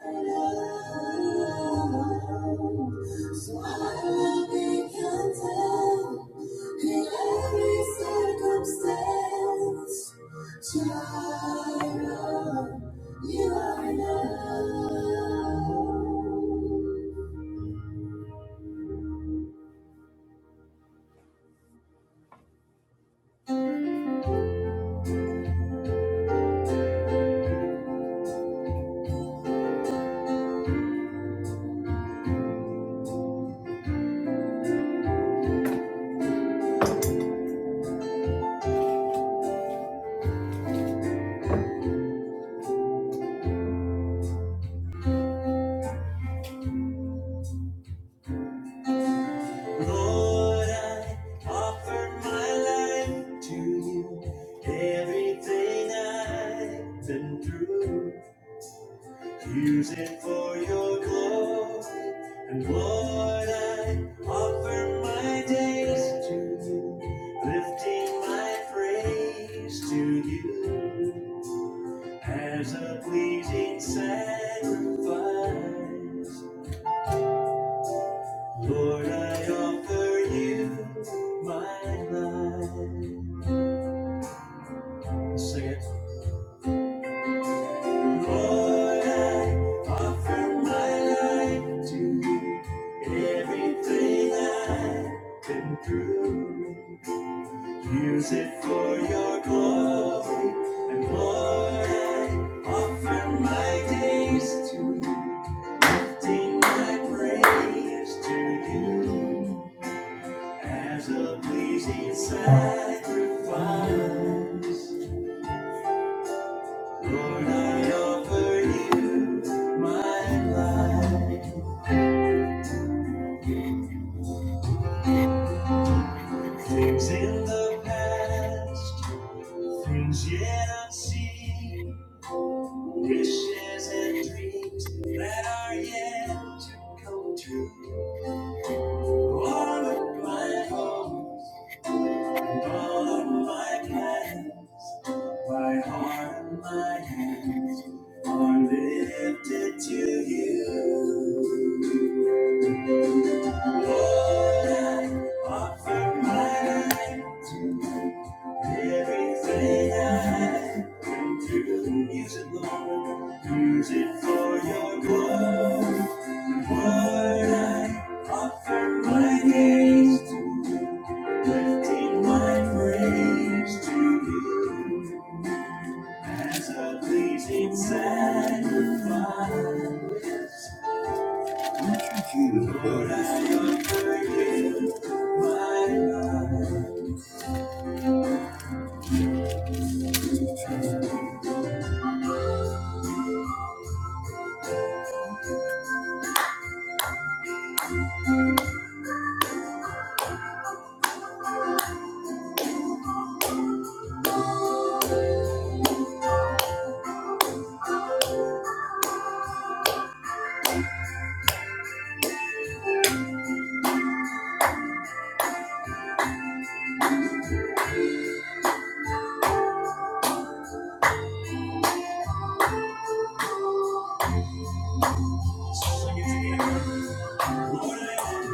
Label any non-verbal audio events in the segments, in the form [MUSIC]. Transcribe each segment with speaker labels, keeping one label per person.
Speaker 1: So I will be content in every circumstance. Child, you are enough. Lord, I offer my life to you. Everything I've been through. Use it for your glory. And Lord, I offer my days to you, lifting my praise to you as a pleasing sacrifice. Lord, I offer you my life. Sing it. Lord, I offer my life to you. Everything I can through use it for your glory. And Lord, I offer my days to you. Sing my praise to you as a pleasing sacrifice. Lord, I offer you my life. Things in the past, things yet unseen, wishes and dreams that are yet to come true. All of my hopes and all of my plans, my heart and my hands are lifted to you. Lord, I offer my life. to you. Everything I have, come to the music, Lord. Use it for your glory. What I offer my gaze to you, lifting my praise to you. As a pleasing sacrifice. Thank you, Lord. I offer you my life. Sing it together. Lord, I offer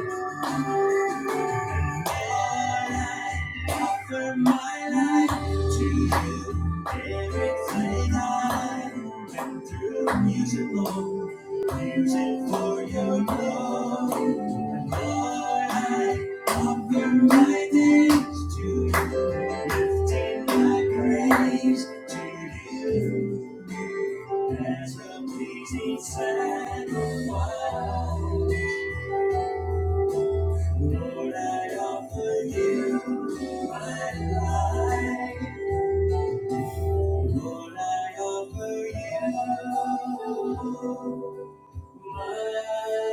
Speaker 1: offer my life to you. Everything I've been through, use it, Lord. Use it for your glory. And Lord, I offer my days to you. Lifting my praise to you. As a pleasing sacrifice. Lord, I offer you my life. Lord, I offer you my life.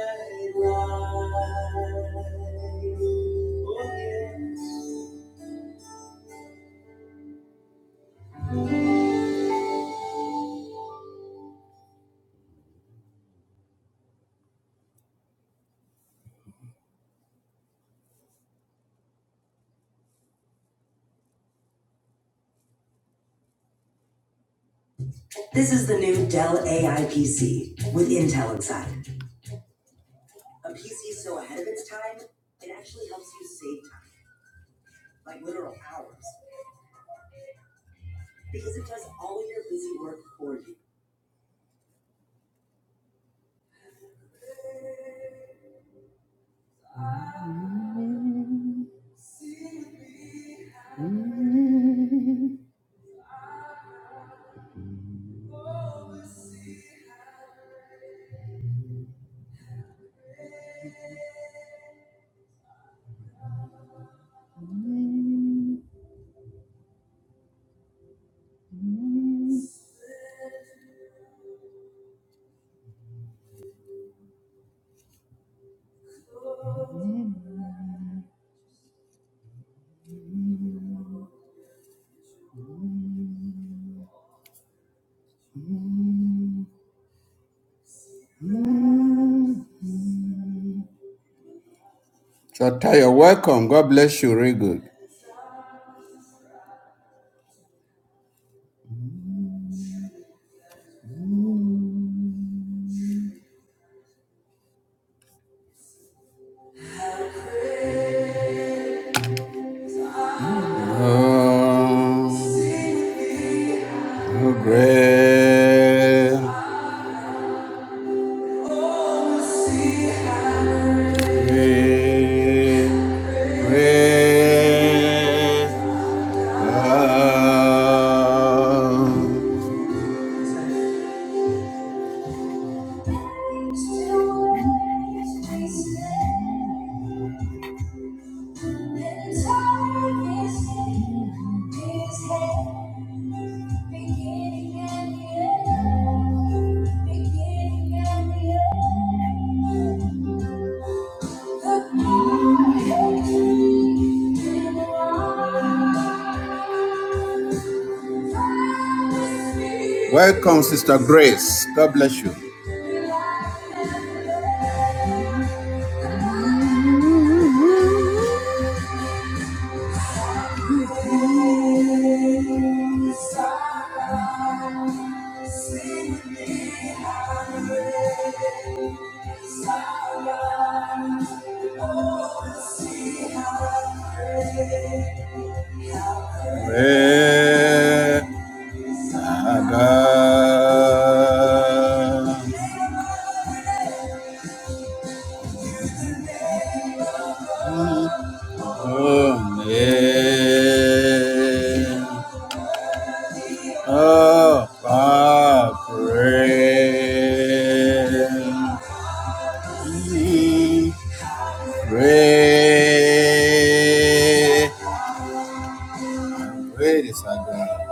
Speaker 1: This is the new Dell AI PC with Intel inside. A PC so ahead of its time, it actually helps you save time, like literal hours, because it does all of your busy work for you. Chota, you're welcome. God bless you. Very good. Oh, oh great, great, great. thou. Beginning and the end. Beginning and the end. The glory and the light. Welcome, Sister Grace. God bless you. Mm-hmm. Red Hagar. Amen. Of our praise. Praise Great is our God.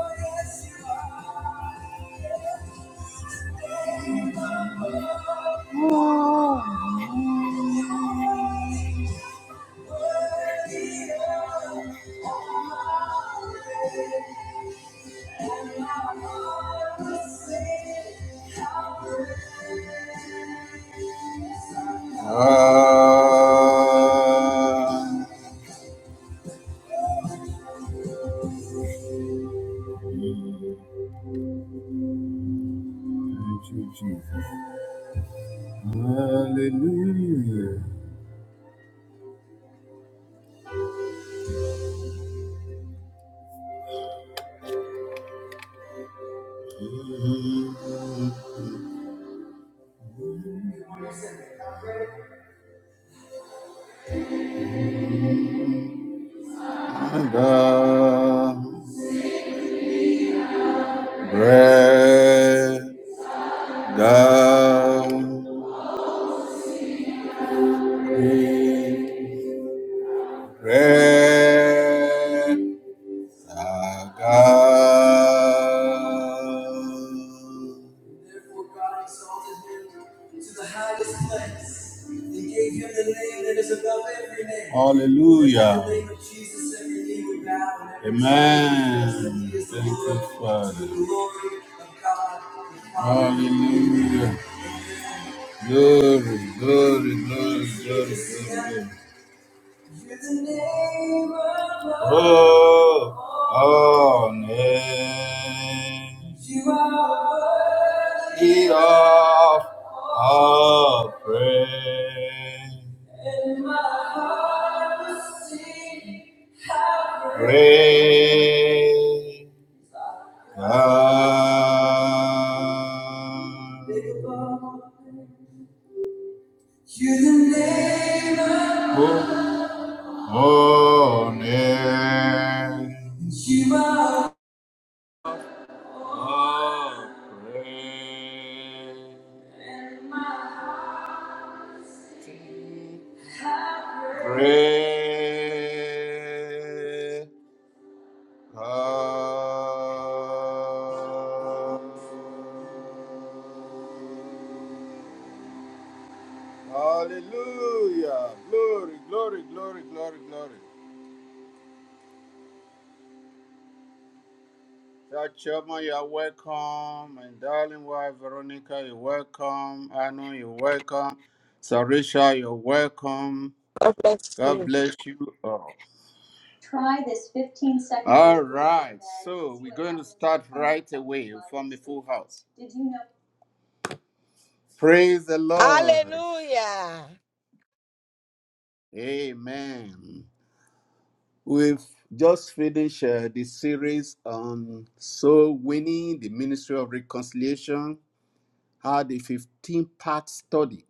Speaker 1: Ah, thank you, Jesus. Hallelujah. God, great God, great Therefore, God exalted him to the highest place and gave him the name that is above every name. Hallelujah. At the name of Jesus, every knee would bow Amen. Thank you, Father. glory Hallelujah. Glory, glory, glory, So glory, glory. Oh, oh, name. You are worthy of all praise. And my heart will sing. Great God. You the name of Oh, Shiva, Oh, great, great God. Hallelujah. Glory, glory, glory, glory, glory. That chairman, you are welcome. And darling wife, Veronica, you're welcome. Anu, you're welcome. Sarisha, you're welcome.
Speaker 2: God bless
Speaker 1: God
Speaker 2: you.
Speaker 1: bless you all. Try this fifteen seconds. All right, so we're going to start right away from the full house. Did you know? Praise the Lord.
Speaker 2: Hallelujah.
Speaker 1: Amen. We've just finished uh, the series on so winning the ministry of reconciliation, had a 15 part study.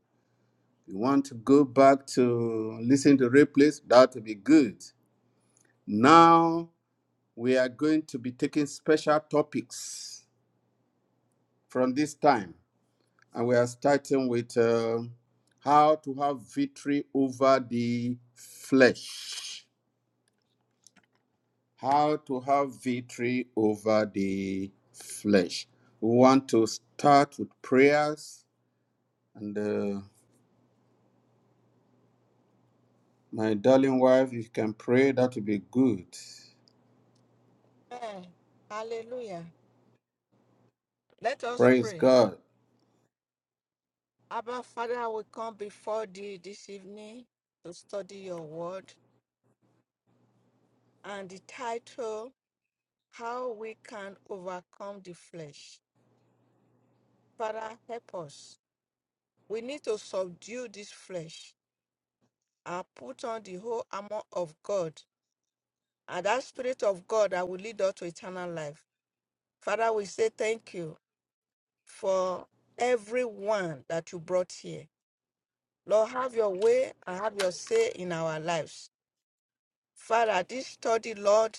Speaker 1: You want to go back to listen to replays, that will be good. Now we are going to be taking special topics from this time. and we are starting with uh, how to have victory over the flesh. How to have victory over the flesh. We want to start with prayers, and uh, my darling wife, if you can pray, that will be good.
Speaker 2: Amen. Hallelujah. Let us
Speaker 1: Praise
Speaker 2: pray.
Speaker 1: God.
Speaker 2: Abba, Father, we come before thee this evening to study your word and the title, How We Can Overcome the Flesh. Father, help us. We need to subdue this flesh and put on the whole armor of God and that spirit of God that will lead us to eternal life. Father, we say thank you for everyone that you brought here. Lord, have your way and have your say in our lives. Father, this study, Lord,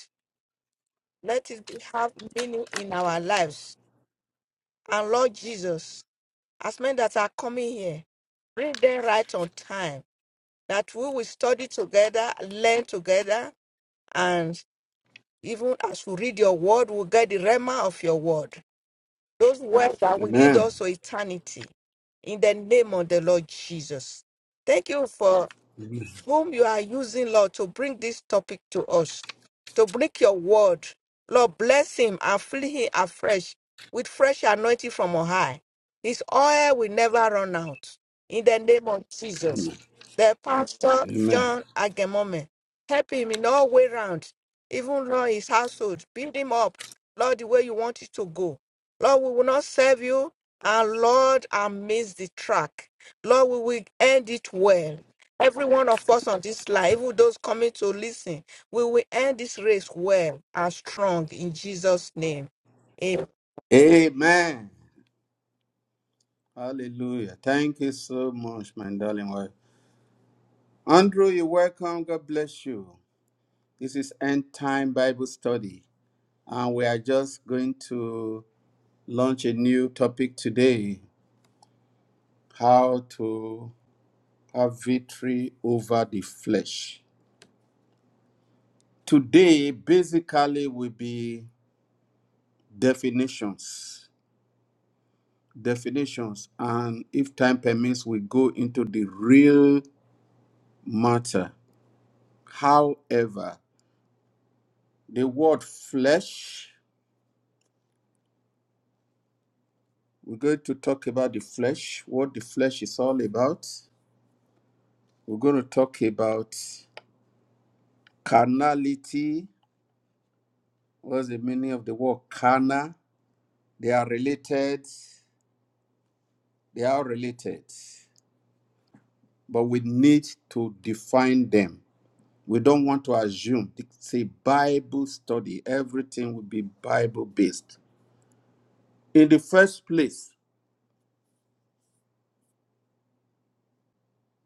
Speaker 2: let it be- have meaning in our lives. And Lord Jesus, as men that are coming here, bring them right on time, that we will study together, learn together, and even as we read your word, we'll get the rema of your word. Those words that will lead
Speaker 1: Amen.
Speaker 2: us to eternity. In the name of the Lord Jesus. Thank you for
Speaker 1: Amen.
Speaker 2: whom you are using, Lord, to bring this topic to us, to bring your word. Lord, bless him and fill him afresh with fresh anointing from on high. His oil will never run out. In the name of Jesus. The pastor
Speaker 1: Amen.
Speaker 2: John Agemome, help him in all way round, even Lord his household. Build him up, Lord, the way you want it to go. Lord, we will not serve you, and Lord, I miss the track. Lord, we will end it well. Every one of us on this line, even those coming to listen, we will end this race well and strong in Jesus' name. Amen.
Speaker 1: Amen. Hallelujah. Thank you so much, my darling wife. Andrew, you're welcome. God bless you. This is End Time Bible Study, and we are just going to launch a new topic today how to have victory over the flesh. Today, basically, will be definitions. Definitions, and if time permits, we go into the real matter. However, the word flesh, we're going to talk about the flesh, what the flesh is all about We're going to talk about carnality. What's the meaning of the word carnal? They are related. They are related, but we need to define them. We don't want to assume. It's a Bible study. Everything will be Bible based. In the first place,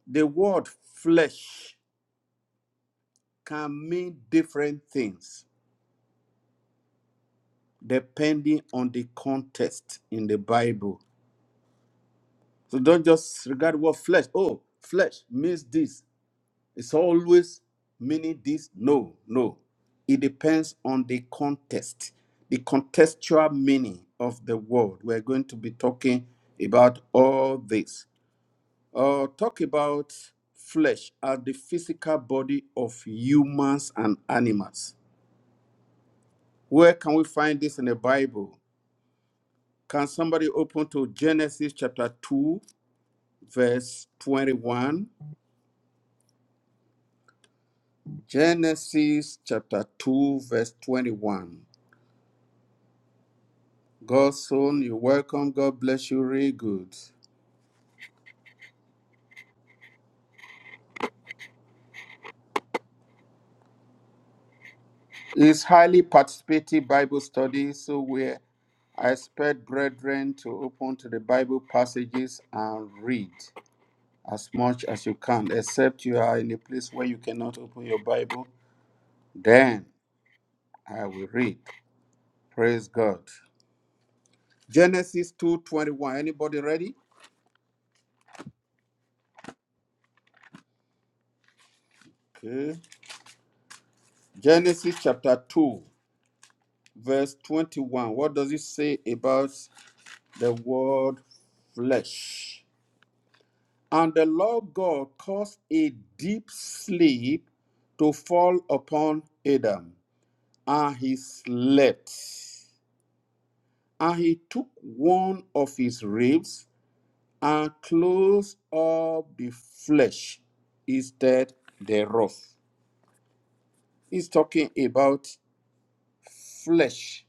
Speaker 1: the word flesh can mean different things depending on the context in the Bible. So don't just regard what flesh. Oh, flesh means this. It's always meaning this. No, no. It depends on the context, the contextual meaning of the word. We're going to be talking about all this. Uh, talk about flesh as the physical body of humans and animals. Where can we find this in the Bible? Can somebody open to Genesis chapter 2, verse 21? Genesis chapter 2, verse 21. God's son, you welcome. God bless you. Really good. It's highly participative Bible study, so we I expect brethren to open to the Bible passages and read as much as you can, except you are in a place where you cannot open your Bible. Then I will read. Praise God. Genesis 2:21. Anybody ready? Okay. Genesis chapter 2. verse 21. What does it say about the word flesh? And the Lord God caused a deep sleep to fall upon Adam, and he slept. And he took one of his ribs and closed up the flesh instead thereof. He's talking about flesh,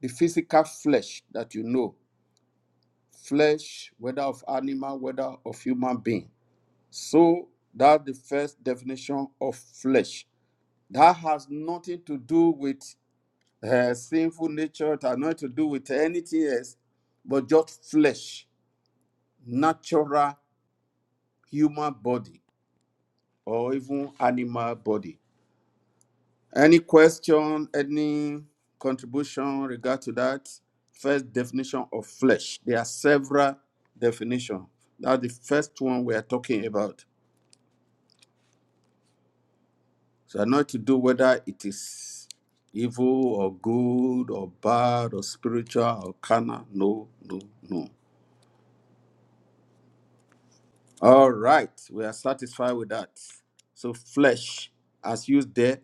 Speaker 1: the physical flesh that you know flesh, whether of animal, whether of human being. So that's the first definition of flesh. That has nothing to do with uh, sinful nature, it has nothing to do with anything else, but just flesh, natural human body, or even animal body. Any question, any contribution regard to that first definition of flesh? There are several definitions. That's the first one we are talking about. So I know to do whether it is evil or good or bad or spiritual or carnal. No, no, no. All right, we are satisfied with that. So flesh, as used there,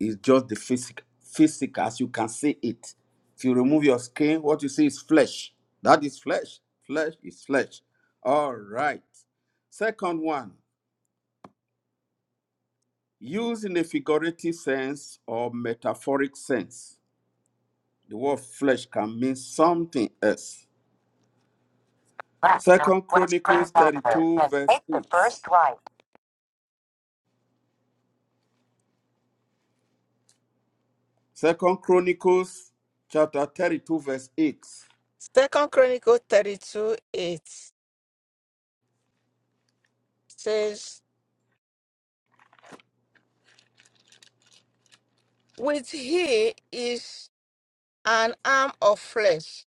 Speaker 1: is just the physic, physic as you can see it. If you remove your skin, what you see is flesh. That is flesh. Flesh is flesh. All right. Second one, used in a figurative sense or metaphoric sense. The word flesh can mean something else. Second
Speaker 2: Make
Speaker 1: Chronicles 32, verse
Speaker 2: the
Speaker 1: 8.
Speaker 2: first right.
Speaker 1: Second Chronicles chapter 32, verse 8.
Speaker 2: Second Chronicle 32 8 says, With he is an arm of flesh,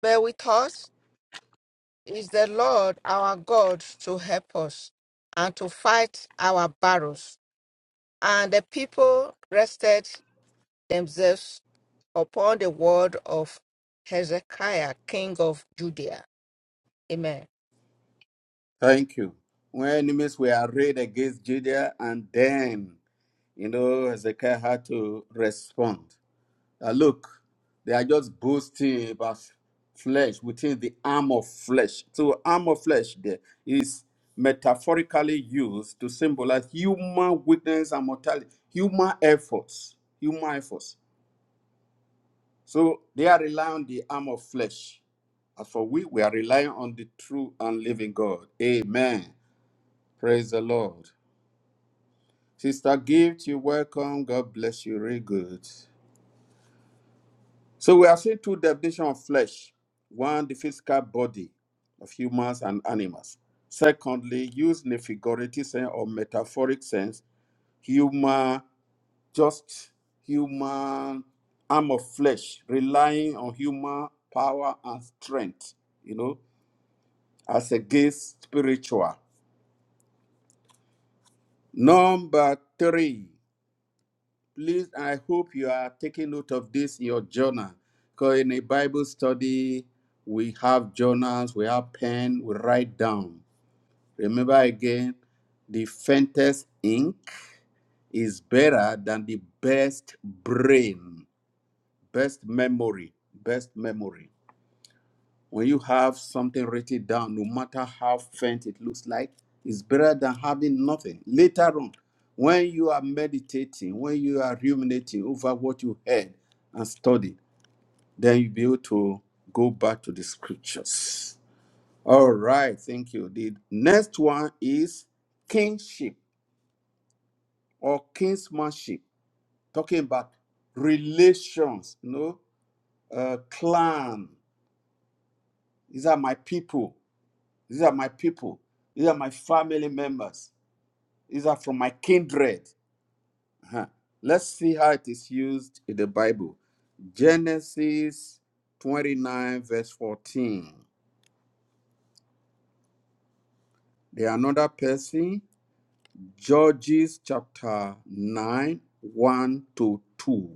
Speaker 2: but with us is the Lord our God to help us and to fight our battles. And the people rested themselves upon the word of Hezekiah, king of Judea. Amen.
Speaker 1: Thank you. When enemies were arrayed against Judea, and then, you know, Hezekiah had to respond. Uh, look, they are just boasting about flesh within the arm of flesh. So, arm of flesh there is metaphorically used to symbolize human weakness and mortality, human efforts, human efforts. So, they are relying on the arm of flesh. As for we, we are relying on the true and living God. Amen. Praise the Lord. Sister Gift, you welcome. God bless you. Very good. So we are seeing two definitions of flesh. One, the physical body of humans and animals. Secondly, used in a figurative sense or metaphoric sense, human, just human arm of flesh, relying on human power and strength, you know, as against spiritual. Number three, please i hope you are taking note of this in your journal because in a bible study we have journals we have pen we write down remember again the faintest ink is better than the best brain best memory best memory when you have something written down, no matter how faint it looks like, it's better than having nothing. Later on, when you are meditating, when you are ruminating over what you heard and studied, then you'll be able to go back to the scriptures. All right, thank you. The next one is kingship or kinsmanship, talking about relations, you know, uh, clan. These are my people. These are my people. These are my family members. These are from my kindred. Huh. Let's see how it is used in the Bible. Genesis 29, verse 14. There another person, Judges chapter 9, 1 to 2,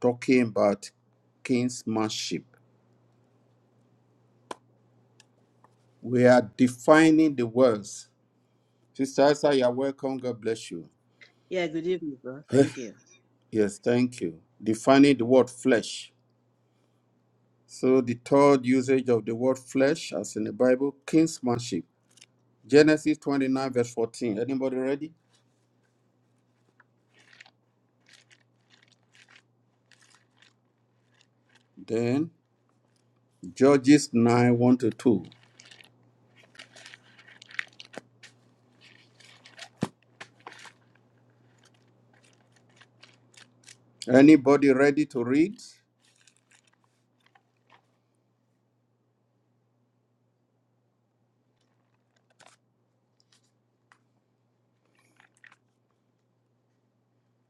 Speaker 1: talking about kinsmanship. We are defining the words. Sister Isa, you are welcome. God bless you.
Speaker 3: Yeah, good evening, bro. Thank you.
Speaker 1: Yes, thank you. Defining the word flesh. So the third usage of the word flesh, as in the Bible, kinsmanship. Genesis 29, verse 14. Anybody ready? Then Judges 9, 1 to 2. Anybody ready to read?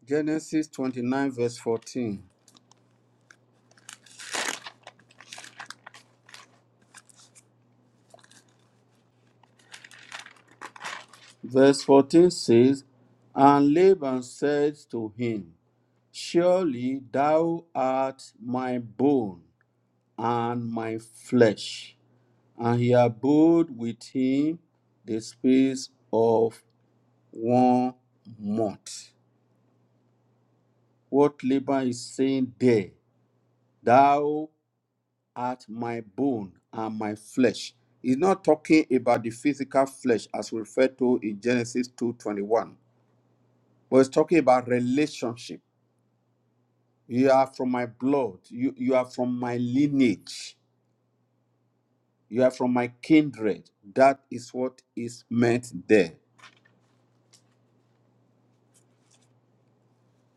Speaker 1: Genesis 29, verse 14. Verse 14 says, And Laban said to him, Surely thou art my bone and my flesh. And he abode with him the space of one month. What Laban is saying there, thou art my bone and my flesh. He's not talking about the physical flesh as referred to in Genesis 2:21, but it's talking about relationship. You are from my blood, you, you are from my lineage, you are from my kindred. That is what is meant there.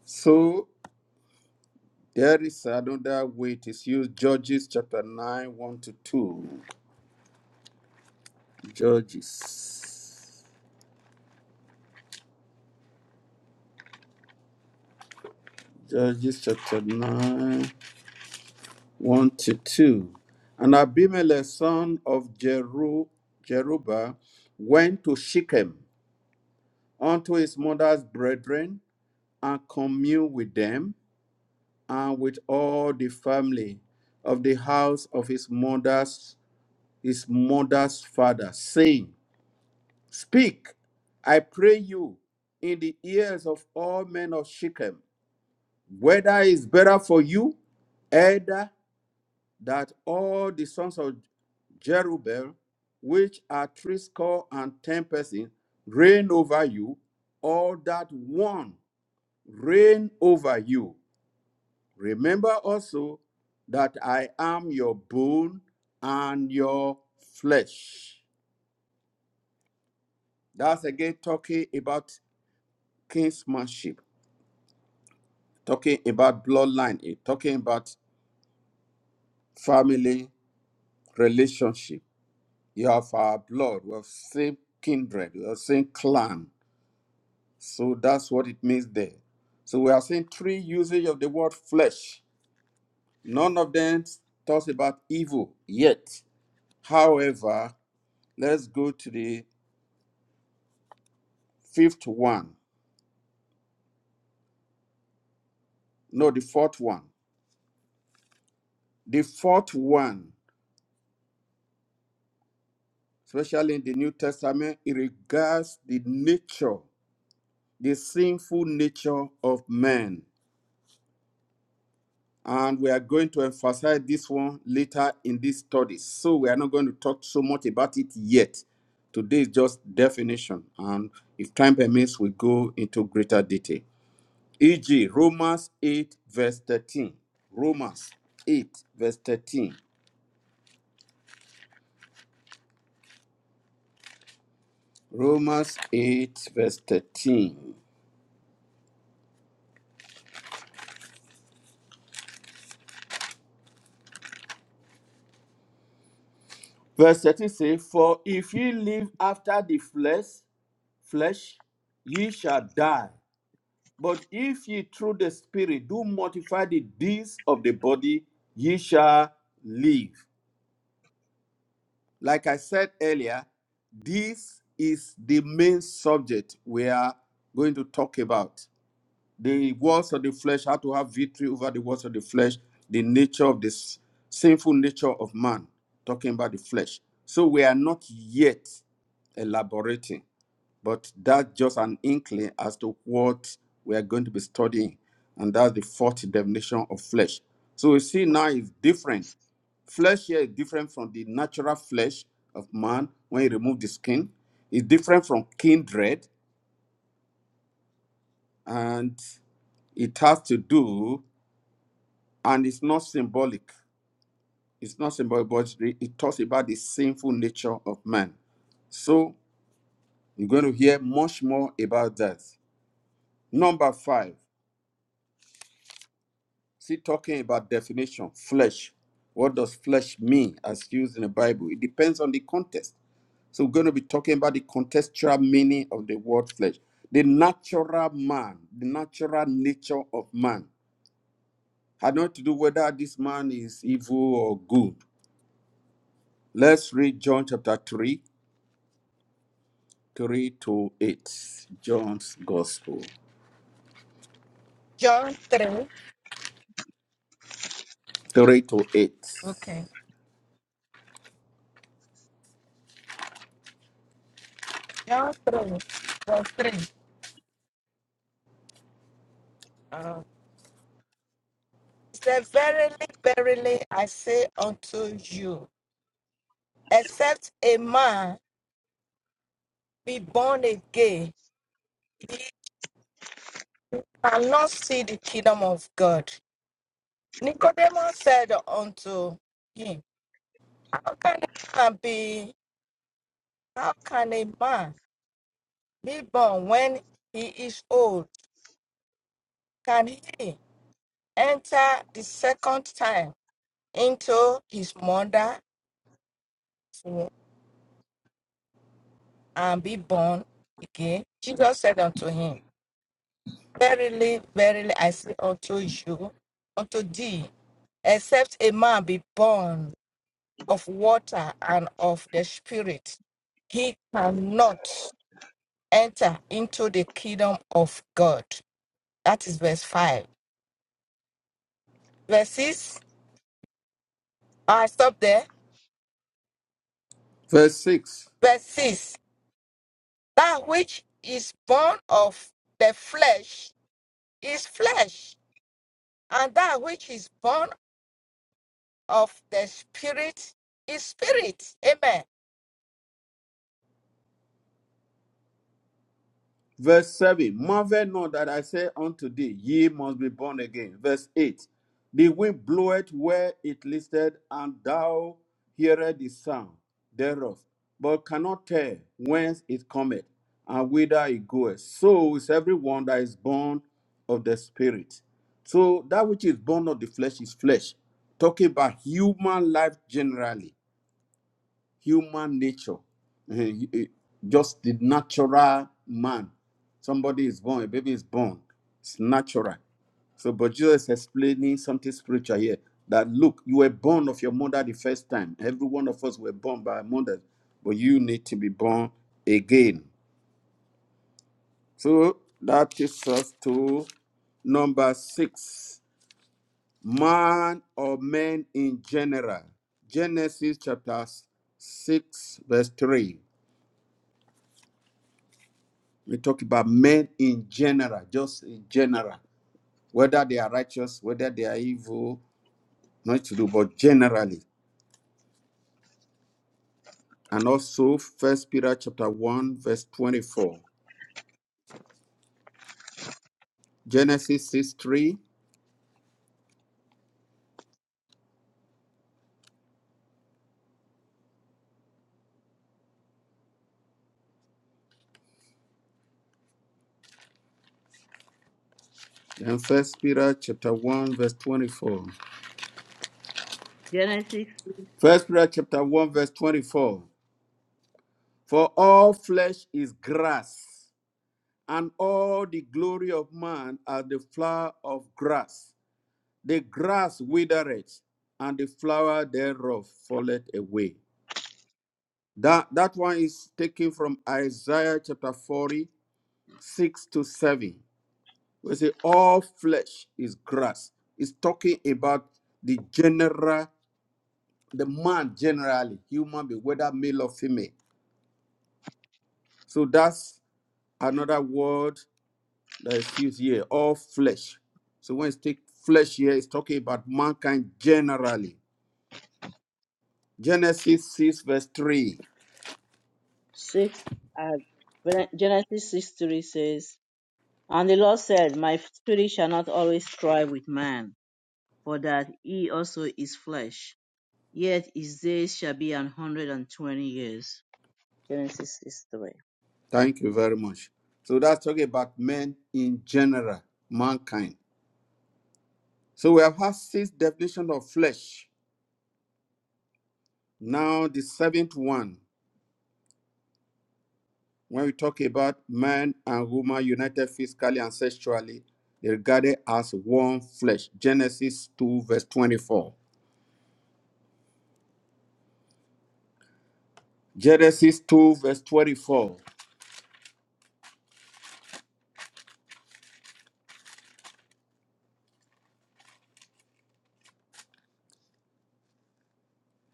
Speaker 1: So there is another way it is used, Judges chapter 9, 1 to 2. Judges. Judges chapter 9, 1 to 2. And Abimelech, son of Jeru, Jerubbaal, went to Shechem unto his mother's brethren and communed with them and with all the family of the house of his mother's his mother's father, saying, Speak, I pray you, in the ears of all men of Shechem Whether it's better for you, either that all the sons of Jerubbaal, which are threescore and ten persons, reign over you, or that one reign over you. Remember also that I am your bone and your flesh. That's again talking about kinsmanship, talking about bloodline, eh, talking about family relationship. You have our blood. We have same kindred. We have same clan. So that's what it means there. So we are seeing three usage of the word flesh. None of them talks about evil yet. However, let's go to the fifth one. No, the fourth one. The fourth one, especially in the New Testament, it regards the nature, the sinful nature of man. and we are going to emphasize this one later in these studies. So we are not going to talk so much about it yet. Today is just definition, and if time permits, we go into greater detail. E.g., Romans 8, verse 13. Romans 8, verse 13. Romans 8, verse 13. Verse 13 says, For if ye live after the flesh, flesh, ye shall die. But if ye through the Spirit do mortify the deeds of the body, ye shall live. Like I said earlier, this is the main subject we are going to talk about. The works of the flesh, how to have victory over the works of the flesh, the nature of this sinful nature of man, talking about the flesh. So we are not yet elaborating. But that's just an inkling as to what we are going to be studying. And that's the fourth definition of flesh. So we see now is different. Flesh here is different from the natural flesh of man when you remove the skin. It's different from kindred and it has to do and it's not symbolic. It's not symbolic, but it it talks about the sinful nature of man. So you're going to hear much more about that. Number five. See, talking about definition, flesh. What does flesh mean as used in the Bible? It depends on the context. So we're going to be talking about the contextual meaning of the word flesh. The natural man, the natural nature of man. Had not to do whether this man is evil or good. Let's read John chapter 3, 3 to 8. John's Gospel,
Speaker 2: John 3.
Speaker 1: 3 to 8.
Speaker 2: Okay. John 3, verse 3. Uh, He said, Verily, verily, I say unto you, except a man be born again, he cannot see the kingdom of God. Nicodemus said unto him, How can a man be, how can a man be born when he is old? Can he? enter the second time into his mother's womb and be born again, Jesus said unto him, Verily, verily, I say unto you, unto thee, except a man be born of water and of the Spirit, he cannot enter into the kingdom of God. That is verse 5. Verse 6, I stop there.
Speaker 1: Verse 6.
Speaker 2: Verse 6 That which is born of the flesh is flesh, and that which is born of the spirit is spirit. Amen.
Speaker 1: Verse 7 Marvel not that I say unto thee, Ye must be born again. Verse 8 The wind bloweth where it listeth, and thou hearest the sound thereof, but cannot tell whence it cometh and whither it goeth. So is everyone that is born of the Spirit. So that which is born of the flesh is flesh. Talking about human life generally human nature, [LAUGHS] just the natural man. Somebody is born, a baby is born. It's natural. So, but Jesus is explaining something spiritual here. That look, you were born of your mother the first time. Every one of us were born by our mother, but you need to be born again. So that takes us to number six: man or men in general. Genesis chapter six, verse three. We talk about men in general, just in general, whether they are righteous, whether they are evil, not to do, but generally. And also First Peter chapter 1, verse 24. Genesis 6 3. And First Peter chapter 1, verse 24.
Speaker 3: Genesis
Speaker 1: First Peter chapter 1, verse 24. For all flesh is grass, and all the glory of man are the flower of grass. The grass withereth, and the flower thereof falleth away. That, that one is taken from Isaiah chapter 40 6 to 7. We say, All flesh is grass. It's talking about the general, the man generally, human being, whether male or female. So that's another word that is used here, all flesh. So when it's take flesh here, it's talking about mankind generally. Genesis 6, verse 3.
Speaker 3: 6, uh, Gen- Genesis 6 3 says, And the Lord said, My spirit shall not always strive with man, for that he also is flesh. Yet his days shall be an hundred and twenty years. Genesis 6 3.
Speaker 1: Thank you very much. So that's talking about men in general, mankind. So we have had six definitions of flesh. Now the seventh one, when we talk about man and woman united physically and sexually, they regarded as one flesh. Genesis 2, verse 24. Genesis 2, verse 24.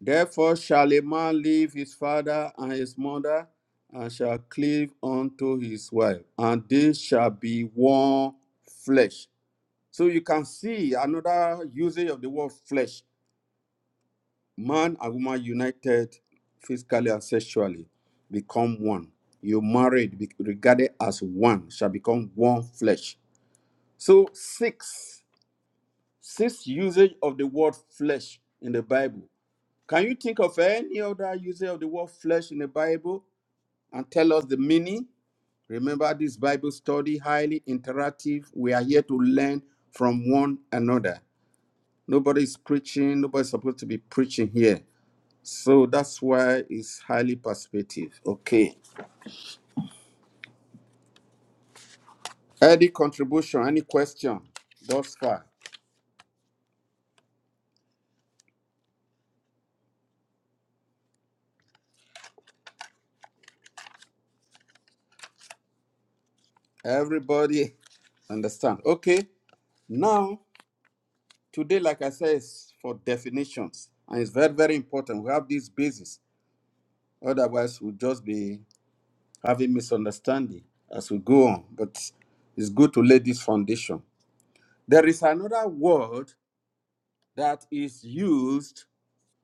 Speaker 1: Therefore shall a man leave his father and his mother and shall cleave unto his wife, and they shall be one flesh. So you can see another usage of the word flesh. Man and woman united physically and sexually become one. You married, be regarded as one, shall become one flesh. So six, six usage of the word flesh in the Bible. Can you think of any other usage of the word flesh in the Bible and tell us the meaning? Remember, this Bible study highly interactive. We are here to learn from one another. Nobody's preaching. Nobody's supposed to be preaching here. So that's why it's highly perspective. Okay. Any contribution, any question thus far? Everybody understand. Okay. Now, today, like I said, is for definitions. And it's very, very important. We have this basis. Otherwise, we'll just be having misunderstanding as we go on. But it's good to lay this foundation. There is another word that is used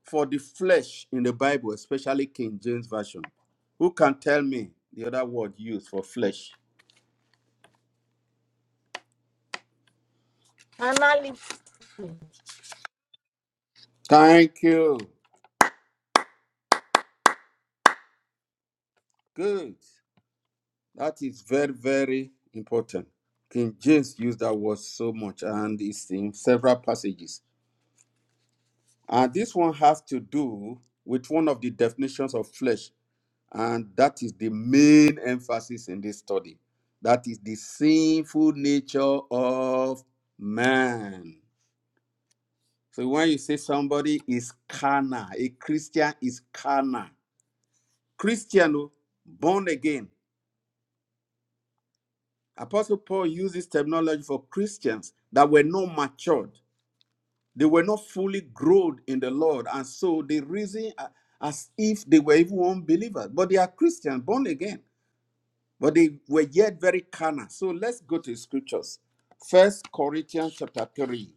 Speaker 1: For the flesh in the Bible, especially King James Version, who can tell me the other word used for flesh?
Speaker 2: And now let's James
Speaker 1: Thank you. Good. That is very, very important. King James used that word so much and it's in several passages. And this one has to do with one of the definitions of flesh, and that is the main emphasis in this study. That is the sinful nature of man. So when you say somebody is carnal, a Christian is carnal. Christian, oh, born again. Apostle Paul uses terminology for Christians that were not matured. They were not fully grown in the Lord. And so they reason a- as if they were even unbelievers. But they are Christians, born again. But they were yet very carnal. So let's go to scriptures. First Corinthians chapter 3,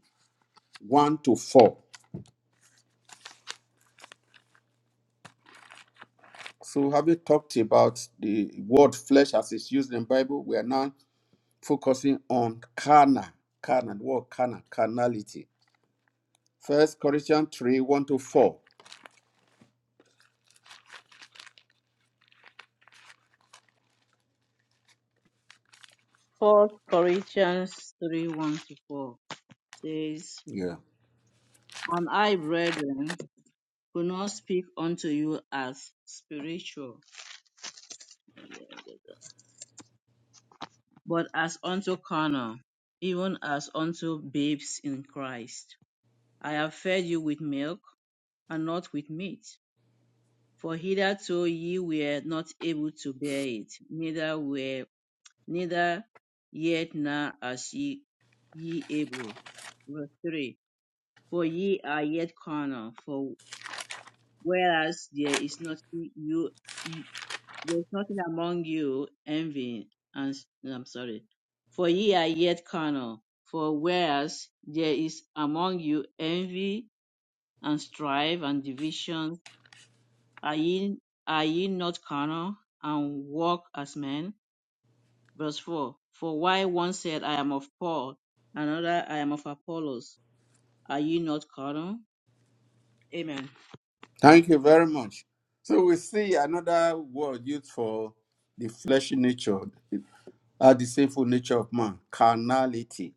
Speaker 1: 1 to 4. So having talked about the word flesh as it's used in the Bible, we are now focusing on carnal, carnal, the word carnal, carnality. First Corinthians 3, 1 to 4.
Speaker 3: First Corinthians 3 1 to 4 says,
Speaker 1: Yeah.
Speaker 3: And I, brethren, could not speak unto you as spiritual, But as unto carnal, even as unto babes in Christ, I have fed you with milk, and not with meat. For hitherto ye were not able to bear it, neither were neither yet now as ye ye able. Verse three. For ye are yet carnal. For whereas there is not you you There is nothing among you envying and I'm sorry, for ye are yet carnal. For whereas there is among you envy and strife and division, are ye are ye not carnal and walk as men? Verse four. For why one said, I am of Paul, another I am of Apollos. Are ye not carnal? Amen.
Speaker 1: Thank you very much. So we see another word used for the fleshy nature, uh, the sinful nature of man, carnality.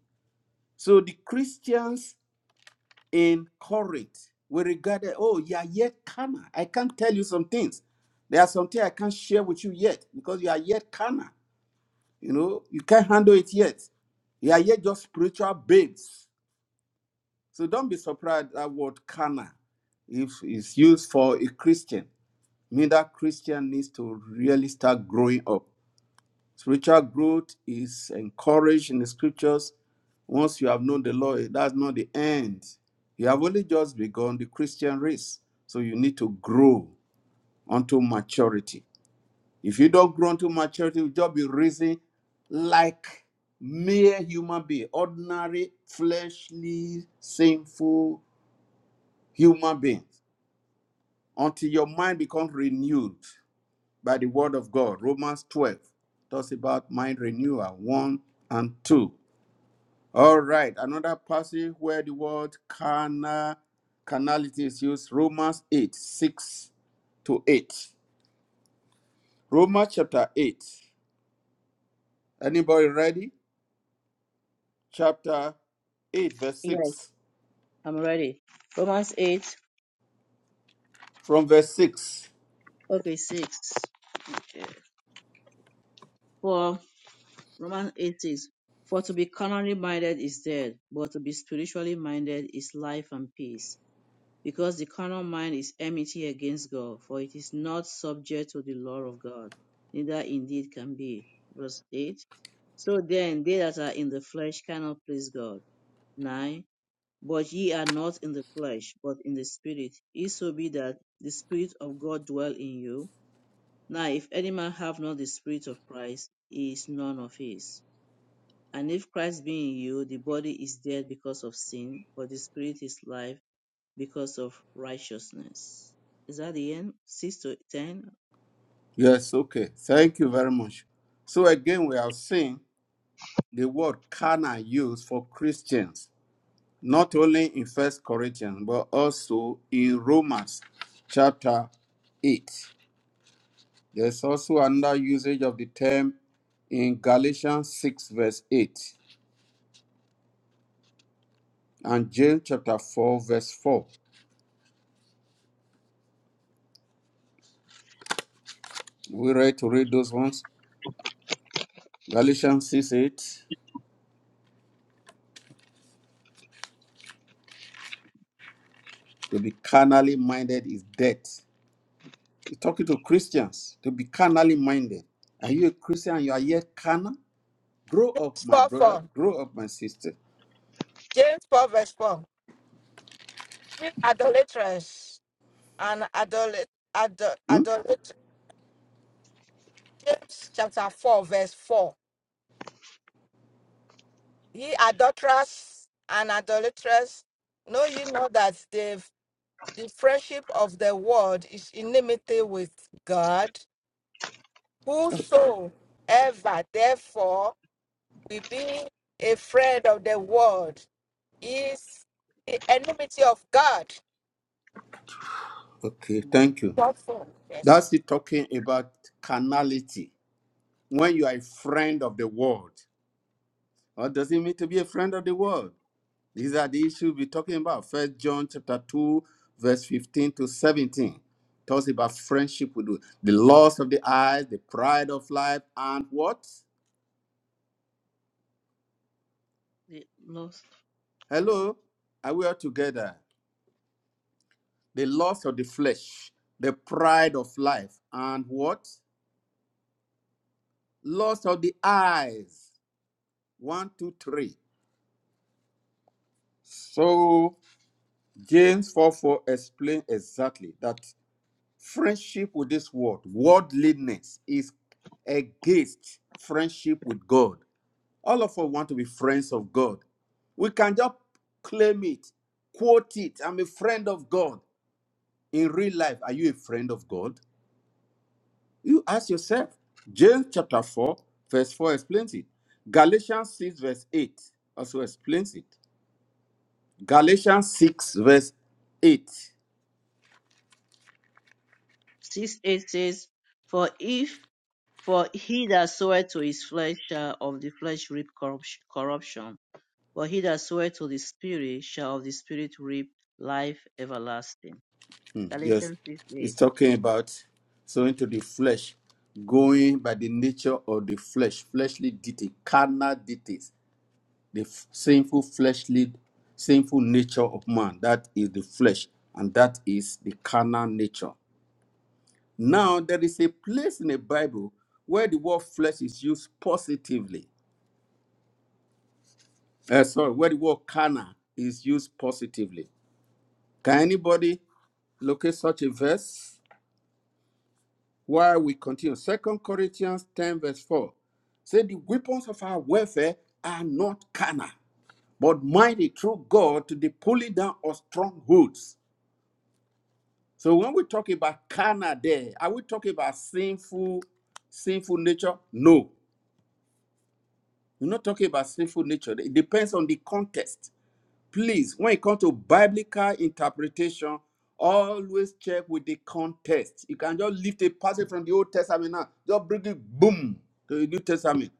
Speaker 1: So the Christians in Corinth we regarded, oh, you are yet carnal. I can't tell you some things. There are some things I can't share with you yet because you are yet carnal. You know, you can't handle it yet. You are yet just spiritual babes. So don't be surprised that word carnal, if it's used for a Christian, mean that Christian needs to really start growing up. Spiritual growth is encouraged in the scriptures. Once you have known the Lord, that's not the end. You have only just begun the Christian race. So you need to grow unto maturity. If you don't grow unto maturity, you'll just be raising like mere human being, ordinary, fleshly, sinful human beings, until your mind becomes renewed by the word of God. Romans 12 talks about mind renewal 1 and 2. All right, another passage where the word carnal, carnality is used, Romans 8, 6 to 8. Romans chapter 8. Anybody ready? Chapter 8, verse
Speaker 3: Yes,
Speaker 1: 6.
Speaker 3: I'm ready. Romans eight.
Speaker 1: From verse 6.
Speaker 3: Okay, six. Okay. Romans 8 says, For to be carnally minded is death, but to be spiritually minded is life and peace. Because the carnal mind is enmity against God, for it is not subject to the law of God, neither indeed can be. Verse 8. So then, they that are in the flesh cannot please God. 9. But ye are not in the flesh, but in the Spirit, if so be that the Spirit of God dwell in you. Now, if any man have not the Spirit of Christ, he is none of his. And if Christ be in you, the body is dead because of sin, but the spirit is life because of righteousness. Is that the end? 6 to 10?
Speaker 1: Yes, okay. Thank you very much. So
Speaker 3: Yeah.
Speaker 1: again, we have seen the word carnal used for Christians, not only in First Corinthians, but also in Romans chapter 8. There's also another usage of the term in Galatians 6, verse 8, and James chapter 4, verse 4. We ready to read those ones. Galatians 6, 8. To be carnally minded is death. He's talking to Christians. To be carnally minded. Are you a Christian? You are yet carnal? Grow up, my
Speaker 2: 4
Speaker 1: brother.
Speaker 2: 4.
Speaker 1: Grow up, my sister.
Speaker 2: James 4 verse 4. You Idolaters and adolit adol
Speaker 1: Hmm?
Speaker 2: adolit James chapter 4 verse 4. Ye adulterers and adulterers, know you know that the, the friendship of the world is enmity with God? Whosoever, therefore, will be a friend of the world is the enmity of God.
Speaker 1: Okay,
Speaker 3: mhm.
Speaker 1: thank you.
Speaker 2: Thoughtful. Yes.
Speaker 1: That's it talking about carnality. When you are a friend of the world. What does it mean to be a friend of the world? These are the issues we're talking about. First John chapter 2, verse 15 to 17. Talks about friendship with the loss of the eyes, the pride of life, and what?
Speaker 3: The last file.
Speaker 1: Hello? Are we all together? The loss of the flesh, the pride of life, and what? Loss of the eyes. One, two, three. So James 4 4 explains exactly that Friendship with this world, worldliness, is against friendship with God. All of us want to be friends of God. We can just claim it, quote it. I'm a friend of God. In real life, are you a friend of God? You ask yourself. James chapter 4, verse 4 explains it. Galatians 6, verse 8 also explains it. Galatians 6, verse 8
Speaker 3: 6 8 says, For if, for he that soweth to his flesh shall of the flesh reap corruption, but he that soweth to the spirit shall of the spirit reap life everlasting.
Speaker 1: Mm, Yes,
Speaker 3: Galatians 6
Speaker 1: it's
Speaker 3: 8.
Speaker 1: talking about so into the flesh, going by the nature of the flesh, fleshly deity, carnal deities, the f- sinful fleshly, sinful nature of man. That is the flesh, and that is the carnal nature. Now there is a place in the Bible where the word flesh is used positively. Uh, sorry, where the word carnal is used positively. Can anybody locate such a verse? While we continue, Second Corinthians 10, verse 4 say the weapons of our warfare are not carnal, but mighty through God to the pulling down of strongholds. So when we talk about carnal there, are we talking about sinful, sinful nature? No. We're not talking about sinful nature. It depends on the context. please, when it comes to biblical interpretation, always check with the context. You can just lift a passage from the Old Testament now, just bring it boom to the New Testament.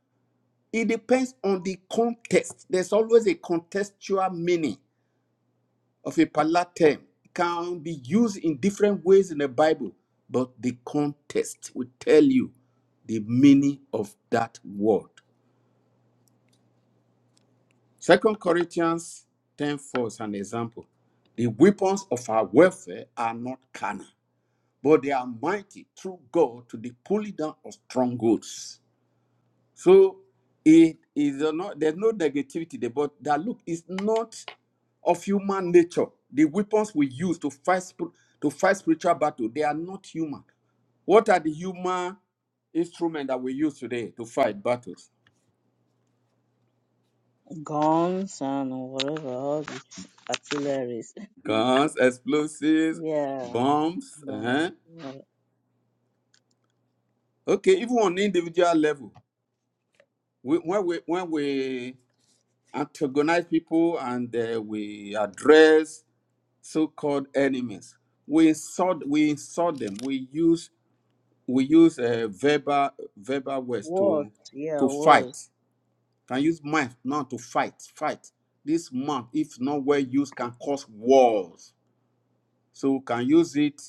Speaker 1: It depends on the context. There's always a contextual meaning of a particular term. It can be used in different ways in the Bible, but the context will tell you the meaning of that word. Second Corinthians 10 4 is an example. The weapons of our warfare are not carnal, but they are mighty through God to the pulling down of strongholds. So it is not there's no negativity there, but that look is not of human nature. The weapons we use to fight to fight spiritual battle, they are not human. What are the human instruments that we use today to fight battles?
Speaker 3: Guns and whatever, all these artillery
Speaker 1: Guns, explosives,
Speaker 3: Yeah,
Speaker 1: bombs.
Speaker 3: but
Speaker 1: huh?
Speaker 3: uh,
Speaker 1: Okay, even on individual level, we, when we when we antagonize people and uh, we address so-called enemies, we insult we insult them. We use we use uh, verbal verbal words
Speaker 3: what?
Speaker 1: to
Speaker 3: Yeah,
Speaker 1: to
Speaker 3: was
Speaker 1: fight. Can use mind now to fight fight. This month, if not well used, can cause wars. So we can use it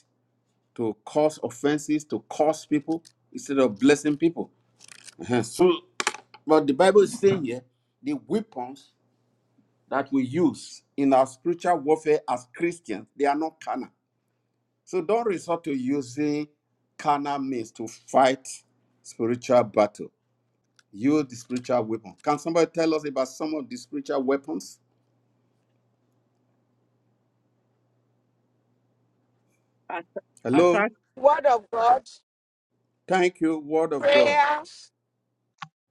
Speaker 1: to cause offenses, to cause people instead of blessing people. [LAUGHS] Uh-huh. So But the Bible is saying here the weapons that we use in our spiritual warfare as Christians, they are not carnal. So don't resort to using carnal means to fight spiritual battle. Use the spiritual weapon. Can somebody tell us about some of the spiritual weapons?
Speaker 3: At-
Speaker 1: Hello?
Speaker 3: attack?
Speaker 2: Word of God,
Speaker 1: Thank you, Word of God.
Speaker 2: prayer,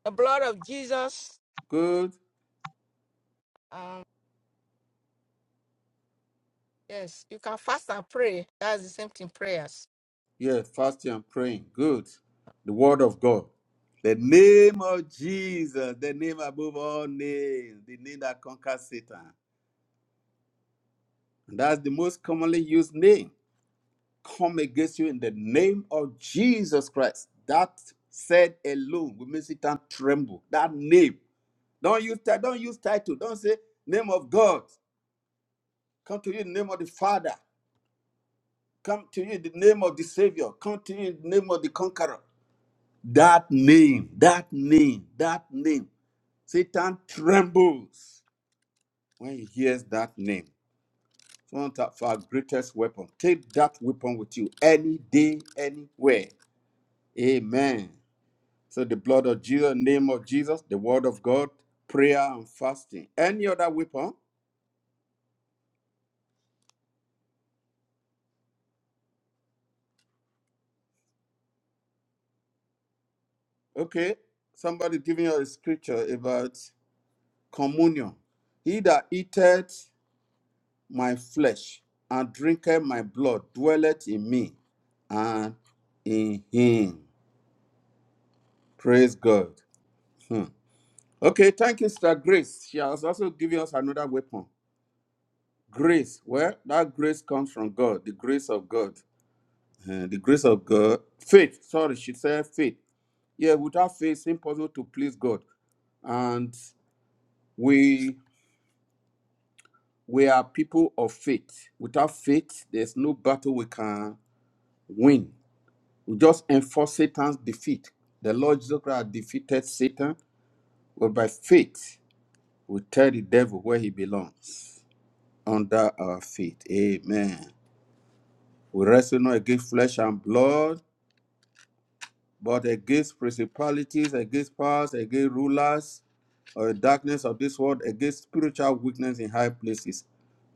Speaker 2: the blood of Jesus.
Speaker 1: Good.
Speaker 2: Um, yes, you can fast and pray. That's the same thing, prayers.
Speaker 1: Yeah, fasting and praying. Good. The Word of God. The name of Jesus, the name above all names, the name that conquers Satan. And That's the most commonly used name. Come against you in the name of Jesus Christ. That said alone will make Satan tremble. That name. Don't use title. Don't use title. Don't say name of God. Come to you in the name of the Father. Come to you in the name of the Savior. Come to you in the name of the Conqueror. That name. That name. That name. Satan trembles when he hears that name. It's one of our greatest weapon. Take that weapon with you any day, anywhere. Amen. So the blood of Jesus, name of Jesus, the word of God, prayer and fasting. Any other weapon? Okay. Somebody giving you a scripture about communion. He that eateth my flesh and drinketh my blood dwelleth in me and in him. Praise God. Hmm. Okay, thank you, Sister Grace. She has also given us another weapon. Grace. Well, that grace comes from God, the grace of God. Uh, the grace of God. Faith. Sorry, she said faith. Yeah, without faith, it's impossible to please God. And we we are people of faith. Without faith, there's no battle we can win. We just enforce Satan's defeat. The Lord Jesus Christ defeated Satan, but by faith, we tell the devil where he belongs. Under our feet. Amen. We wrestle not against flesh and blood, but against principalities, against powers, against rulers or darkness of this world, against spiritual weakness in high places.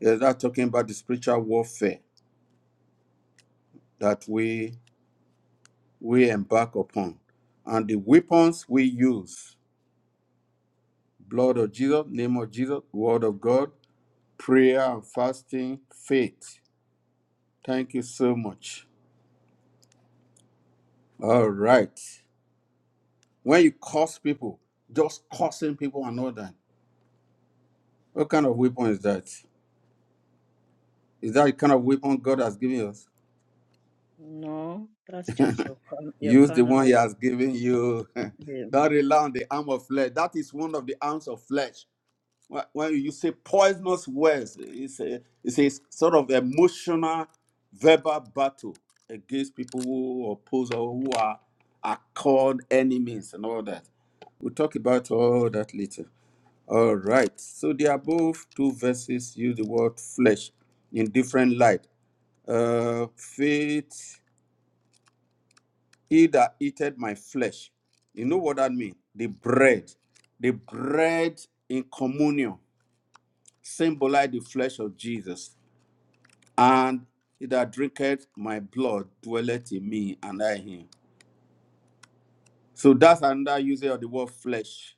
Speaker 1: Is that talking about the spiritual warfare that we we embark upon, and the weapons we use: blood of Jesus, name of Jesus, word of God, prayer and fasting, faith. Thank you so much. All right. When you curse people, just cursing people and all that. What kind of weapon is that? Is that the kind of weapon God has given us?
Speaker 3: No, that's
Speaker 1: [LAUGHS]
Speaker 3: just your con- your
Speaker 1: Use the
Speaker 3: corner
Speaker 1: one He
Speaker 3: word.
Speaker 1: has given you.
Speaker 3: Yeah,
Speaker 1: [LAUGHS]
Speaker 3: yeah.
Speaker 1: Don't rely on the arm of flesh. That is one of the arms of flesh. Wh- When you say poisonous words, it's a, it's a sort of emotional, verbal battle against people who oppose or who are, are called enemies and all that. We'll talk about all that later. All right. So the above two verses use the word flesh in different light. Uh, faith. He that eateth my flesh. You know what that means? The bread. The bread in communion symbolize the flesh of Jesus. And he that drinketh my blood dwelleth in me and I in him. So that's another usage of the word flesh.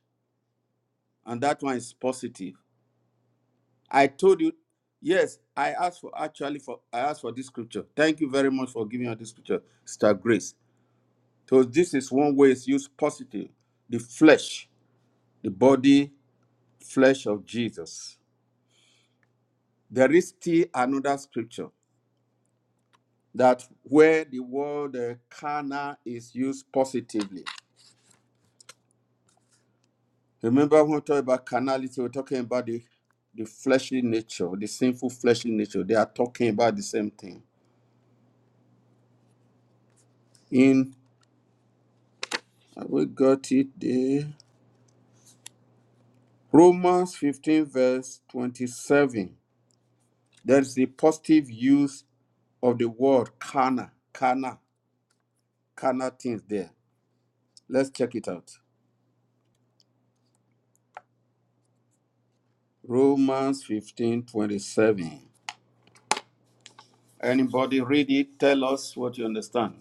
Speaker 1: And that one is positive. I told you, yes, I asked for actually for I asked for this scripture. Thank you very much for giving us this scripture, Sister Grace. So this is one way it's used positive. The flesh, the body flesh of Jesus. There is still another scripture that where the word uh, carnal is used positively. Remember when we talk about carnality, we're talking about the, the fleshly nature, the sinful fleshly nature. They are talking about the same thing. In have we got it there. Romans 15, verse 27. There's the positive use of the word carnal, carnal, carnal things there. Let's check it out. Romans 15 27. Anybody read it? Tell us what you understand.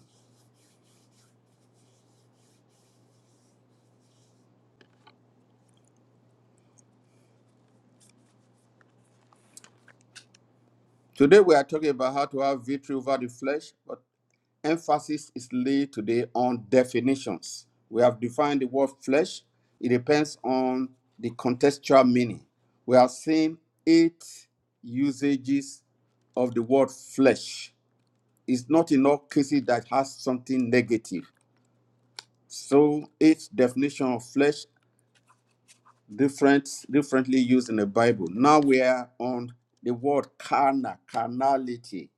Speaker 1: Today we are talking about how to have victory over the flesh, but emphasis is laid today on definitions. We have defined the word flesh, it depends on the contextual meaning. We have seen eight usages of the word flesh. It's not in all cases that has something negative. So, eight definition of flesh different differently used in the Bible. Now we are on the word carnal, carnality.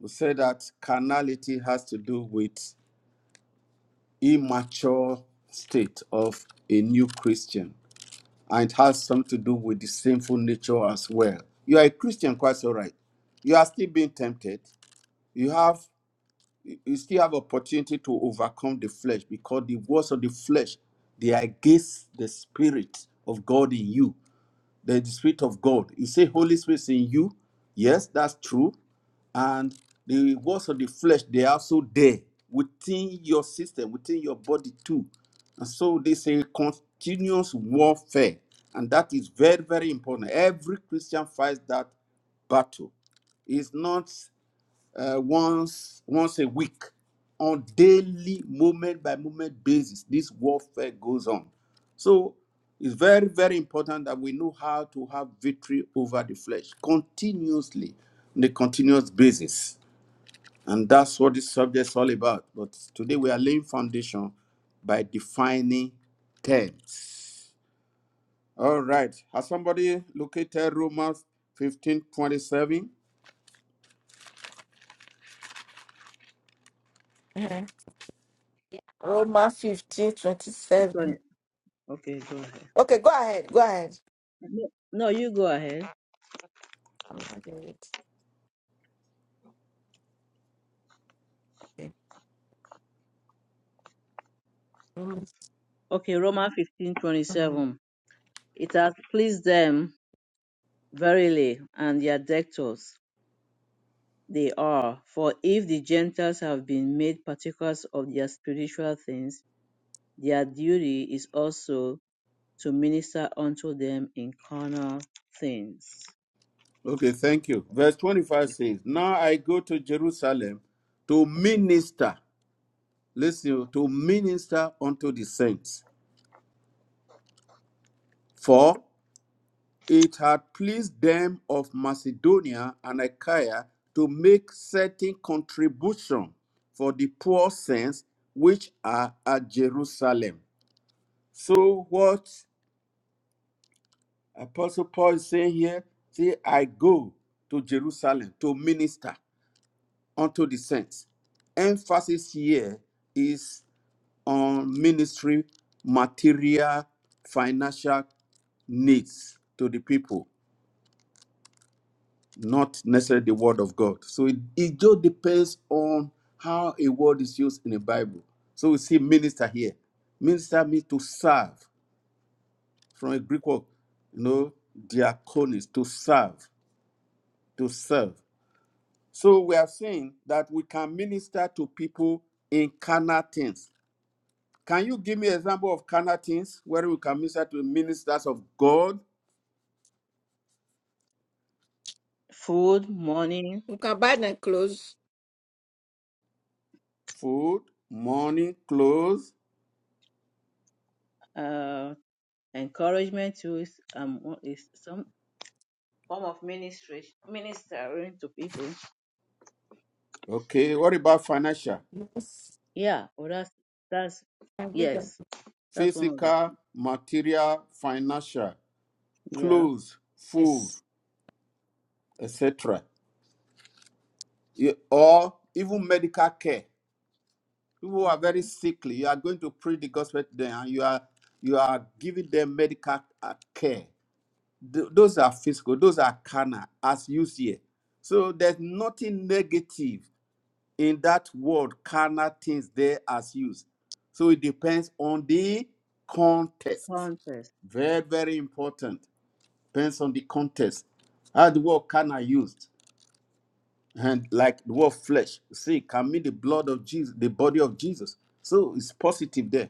Speaker 1: We say that carnality has to do with immature state of a new Christian, and it has something to do with the sinful nature as well. You are a Christian, quite all right. You are still being tempted. You have you still have opportunity to overcome the flesh because the works of the flesh they are against the spirit of God in you. the spirit of god you say holy spirit is in you yes that's true and the works of the flesh they are also there within your system within your body too and so they say continuous warfare and that is very very important every christian fights that battle it's not uh, once once a week on daily moment by moment basis this warfare goes on so it's very very important that we know how to have victory over the flesh continuously on a continuous basis and that's what this subject is all about but today we are laying foundation by defining terms all right has somebody located romans fifteen twenty-seven?
Speaker 2: Mhm. Romans 15, twenty
Speaker 3: Sorry.
Speaker 2: seven.
Speaker 3: Okay, go ahead.
Speaker 2: Okay, go ahead. Go ahead.
Speaker 3: No, no, you go ahead.
Speaker 2: I'm not doing it. Okay. Romans,
Speaker 3: Okay, Romans fifteen twenty
Speaker 2: um,
Speaker 3: seven. It has pleased them verily, and their debtors they are. For if the Gentiles have been made partakers of their spiritual things, their duty is also to minister unto them in carnal things.
Speaker 1: Okay, thank you. Verse 25 says, Now I go to Jerusalem to
Speaker 3: Okay.
Speaker 1: minister, listen, to minister unto the saints. For it had pleased them of Macedonia and Achaia to make certain contribution for the poor saints which are at Jerusalem. So what Apostle Paul is saying here, see, I go to Jerusalem to minister. unto the saints. Emphasis here is on ministry, material, financial needs to the people, not necessarily the word of God. So it, it just depends on how a word is used in the Bible. So we see minister here. Minister means to serve from a Greek word, you know, diaconis, to serve, to serve. So we are saying that we can minister to people in carnal things Can you give me an example of carnal things where we can minister to ministers of God,
Speaker 3: Food, money,
Speaker 2: You can buy them clothes.
Speaker 1: food, money, clothes?
Speaker 3: uh, encouragement to is, um, what is some form of ministry, ministering to people.
Speaker 1: Okay, what about financial?
Speaker 2: Yes.
Speaker 3: Yeah, well, that's that's
Speaker 2: And give them.
Speaker 3: yes, that's one of it.
Speaker 1: Physical, material, financial,
Speaker 3: Yeah.
Speaker 1: clothes, food,
Speaker 2: Yes.
Speaker 1: etc. You- Or even medical care. People who are
Speaker 3: Mm-hmm.
Speaker 1: very sickly, you are going to preach the gospel to them and you are you are giving them medical uh, care. Th- those are physical, those are carnal, as used here. So there's nothing negative In that word, carnal things there as used. So it depends on the context.
Speaker 3: Contest.
Speaker 1: Very, very important. Depends on the context. How the word carnal used. And like the word flesh. See, it can mean the blood of Jesus, the body of Jesus. So it's positive there.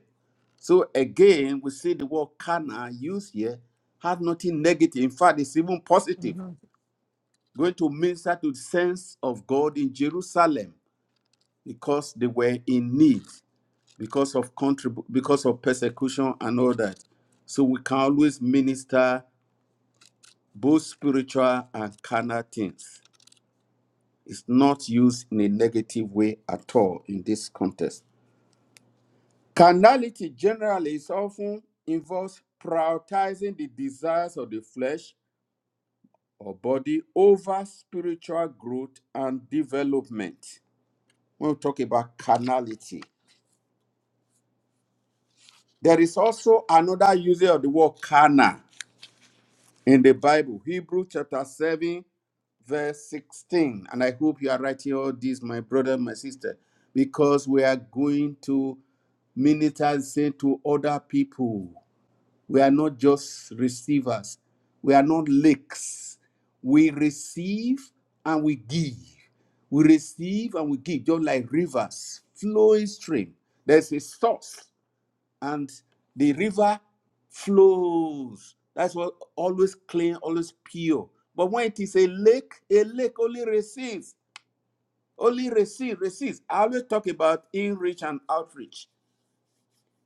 Speaker 1: So again, we see the word carnal used here has nothing negative. In fact, it's even positive. Going to minister to the sense of God in Jerusalem because they were in need. because of contrib- because of persecution and all that. So we can always minister both spiritual and carnal things. It's not used in a negative way at all in this context. Carnality generally is often involves prioritizing the desires of the flesh or body over spiritual growth and development. When we talk about carnality, there is also another usage of the word carnal in the Bible, Hebrew chapter 7, verse 16. And I hope you are writing all this, my brother, my sister, because we are going to minister say to other people. We are not just receivers, we are not lakes. We receive and we give. We receive and we give, just like rivers, flowing stream. There's a source and the river flows. That's what always clean, always pure. But when it is a lake, a lake only receives, only receives, receives. I always talk about in reach and outreach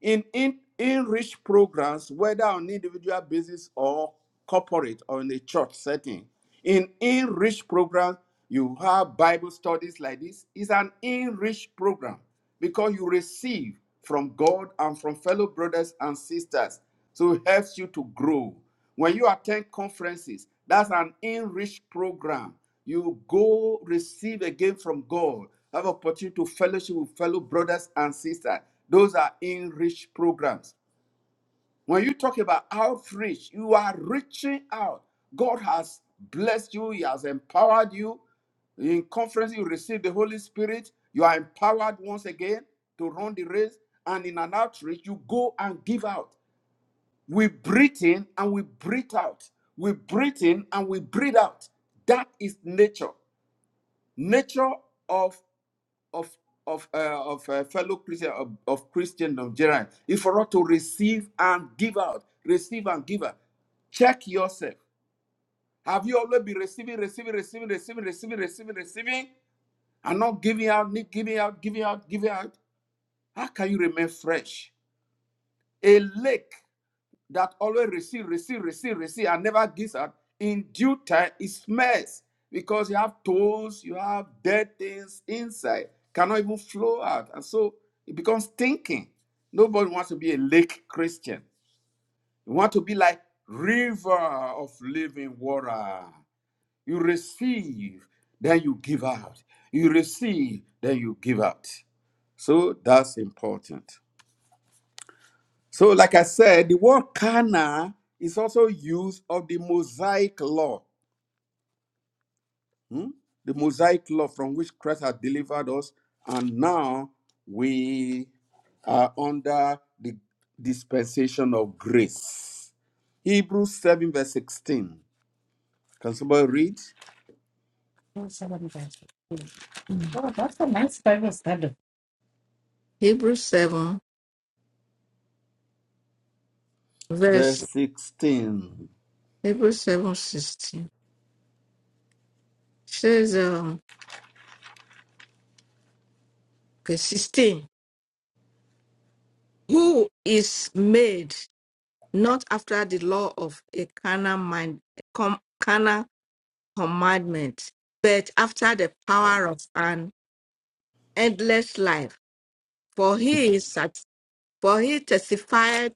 Speaker 1: in, in enrich programs, whether on individual basis or corporate or in a church setting. In enriched programs, you have Bible studies like this. It's an enriched program because you receive from God and from fellow brothers and sisters. So it helps you to grow. When you attend conferences, that's an enriched program. You go receive again from God, have opportunity to fellowship with fellow brothers and sisters. Those are enriched programs. When you talk about outreach, you are reaching out. God has blessed you, He has empowered you. In conference, you receive the Holy Spirit. You are empowered once again to run the race. And in an outreach, you go and give out. We breathe in and we breathe out. We breathe in and we breathe out. That is nature. Nature of of of uh, of uh, fellow Christian of, of Christian of Gerard is for us to receive and give out. Receive and give out. Check yourself. Have you always been receiving, receiving, receiving, receiving, receiving, receiving, receiving, and not giving out, giving out, giving out, giving out? How can you remain fresh? A lake that always receive, receive, receive, receive, and never gives out, in due time it smells because you have toes, you have dead things inside, cannot even flow out. And so it becomes stinking. Nobody wants to be a lake Christian. You want to be like river of living water. You receive, then you give out. You receive, then you give out. So that's important. So, like I said, the word Cana is also used of the Mosaic law, hmm? the Mosaic law from which Christ had delivered us, and now we are under the dispensation of grace. Hebrews 7, verse 16. Can somebody read?
Speaker 2: Hebrews 7,
Speaker 1: Verse
Speaker 2: verse
Speaker 1: 16.
Speaker 2: Hebrews 7 16 says, um, okay, 16, who is made not after the law of a carnal mind, com, carnal commandment, but after the power of an endless life. For he is sat- for he testified,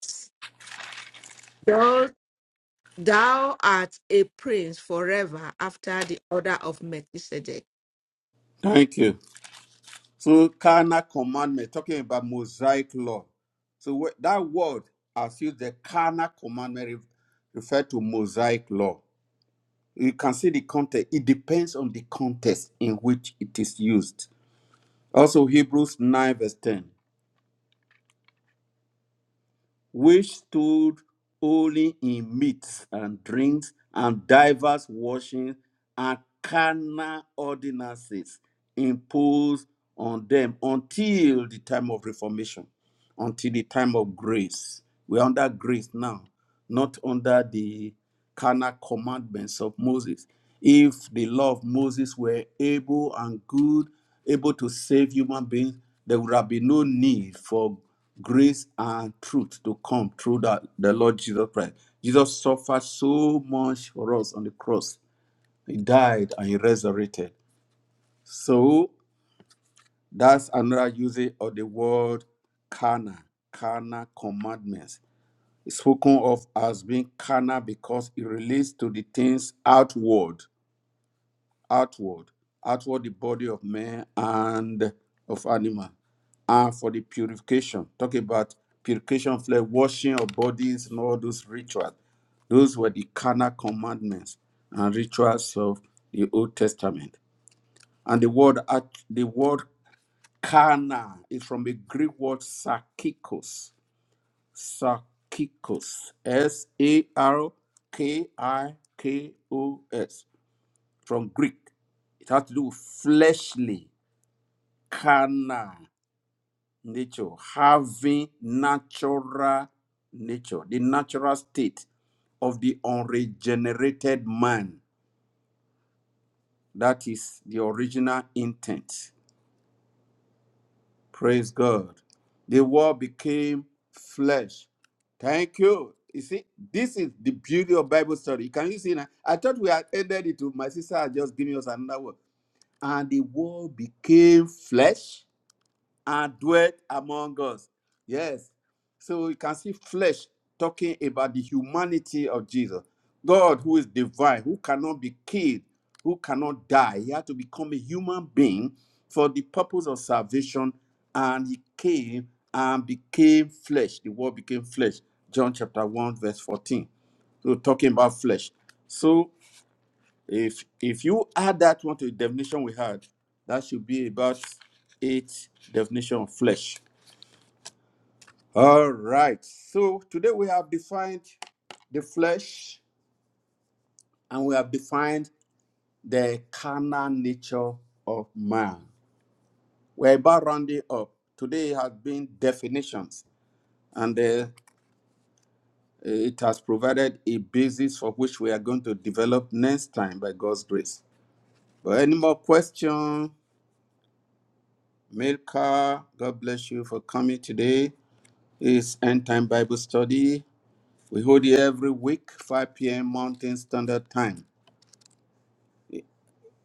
Speaker 2: thou, thou art a prince forever after the order of Melchizedek.
Speaker 1: Thank you. So carnal commandment, talking about Mosaic law. So wh- that word as used, the carnal commandment re- refer to Mosaic law. You can see the context. It depends on the context in which it is used. Also, Hebrews 9 verse 10. which stood only in meats and drinks and divers washings and carnal ordinances imposed on them until the time of reformation, until the time of grace. We're under grace now, not under the carnal commandments of Moses. If the law of Moses were able and good, able to save human beings, there would have been no need for grace and truth to come through that the Lord Jesus Christ. Jesus suffered so much for us on the cross. He died and he resurrected. So that's another usage of the word carnal, carnal commandments. It's spoken of as being carnal because it relates to the things outward outward, outward the body of man and of animal, and for the purification. Talk about purification, flesh, washing of bodies, and all those rituals. Those were the carnal commandments and rituals of the Old Testament. And the word act- the word carnal is from the Greek word sarkikos. Sarkikos. S A R K I K O S from Greek. It has to do with fleshly, carnal nature, having natural nature, the natural state of the unregenerated man. That is the original intent. Praise God. The word became flesh. Thank you. You see, this is the beauty of Bible story. Can you see now? I thought we had ended it. with My sister had just given us another word. And the word became flesh and dwelt among us. Yes. So you can see flesh talking about the humanity of Jesus. God, who is divine, who cannot be killed, who cannot die. He had to become a human being for the purpose of salvation. And he came and became flesh. The word became flesh. John chapter 1, verse 14. So talking about flesh. So if if you add that one to the definition we had, that should be about eight definition of flesh. All right. So today we have defined the flesh and we have defined the carnal nature of man. We're about rounding up. Today has been definitions and uh, it has provided a basis for which we are going to develop next time by God's grace. But any more questions? Milka, God bless you for coming today. It's End Time Bible Study. We hold it every week, 5 p.m. Mountain Standard Time.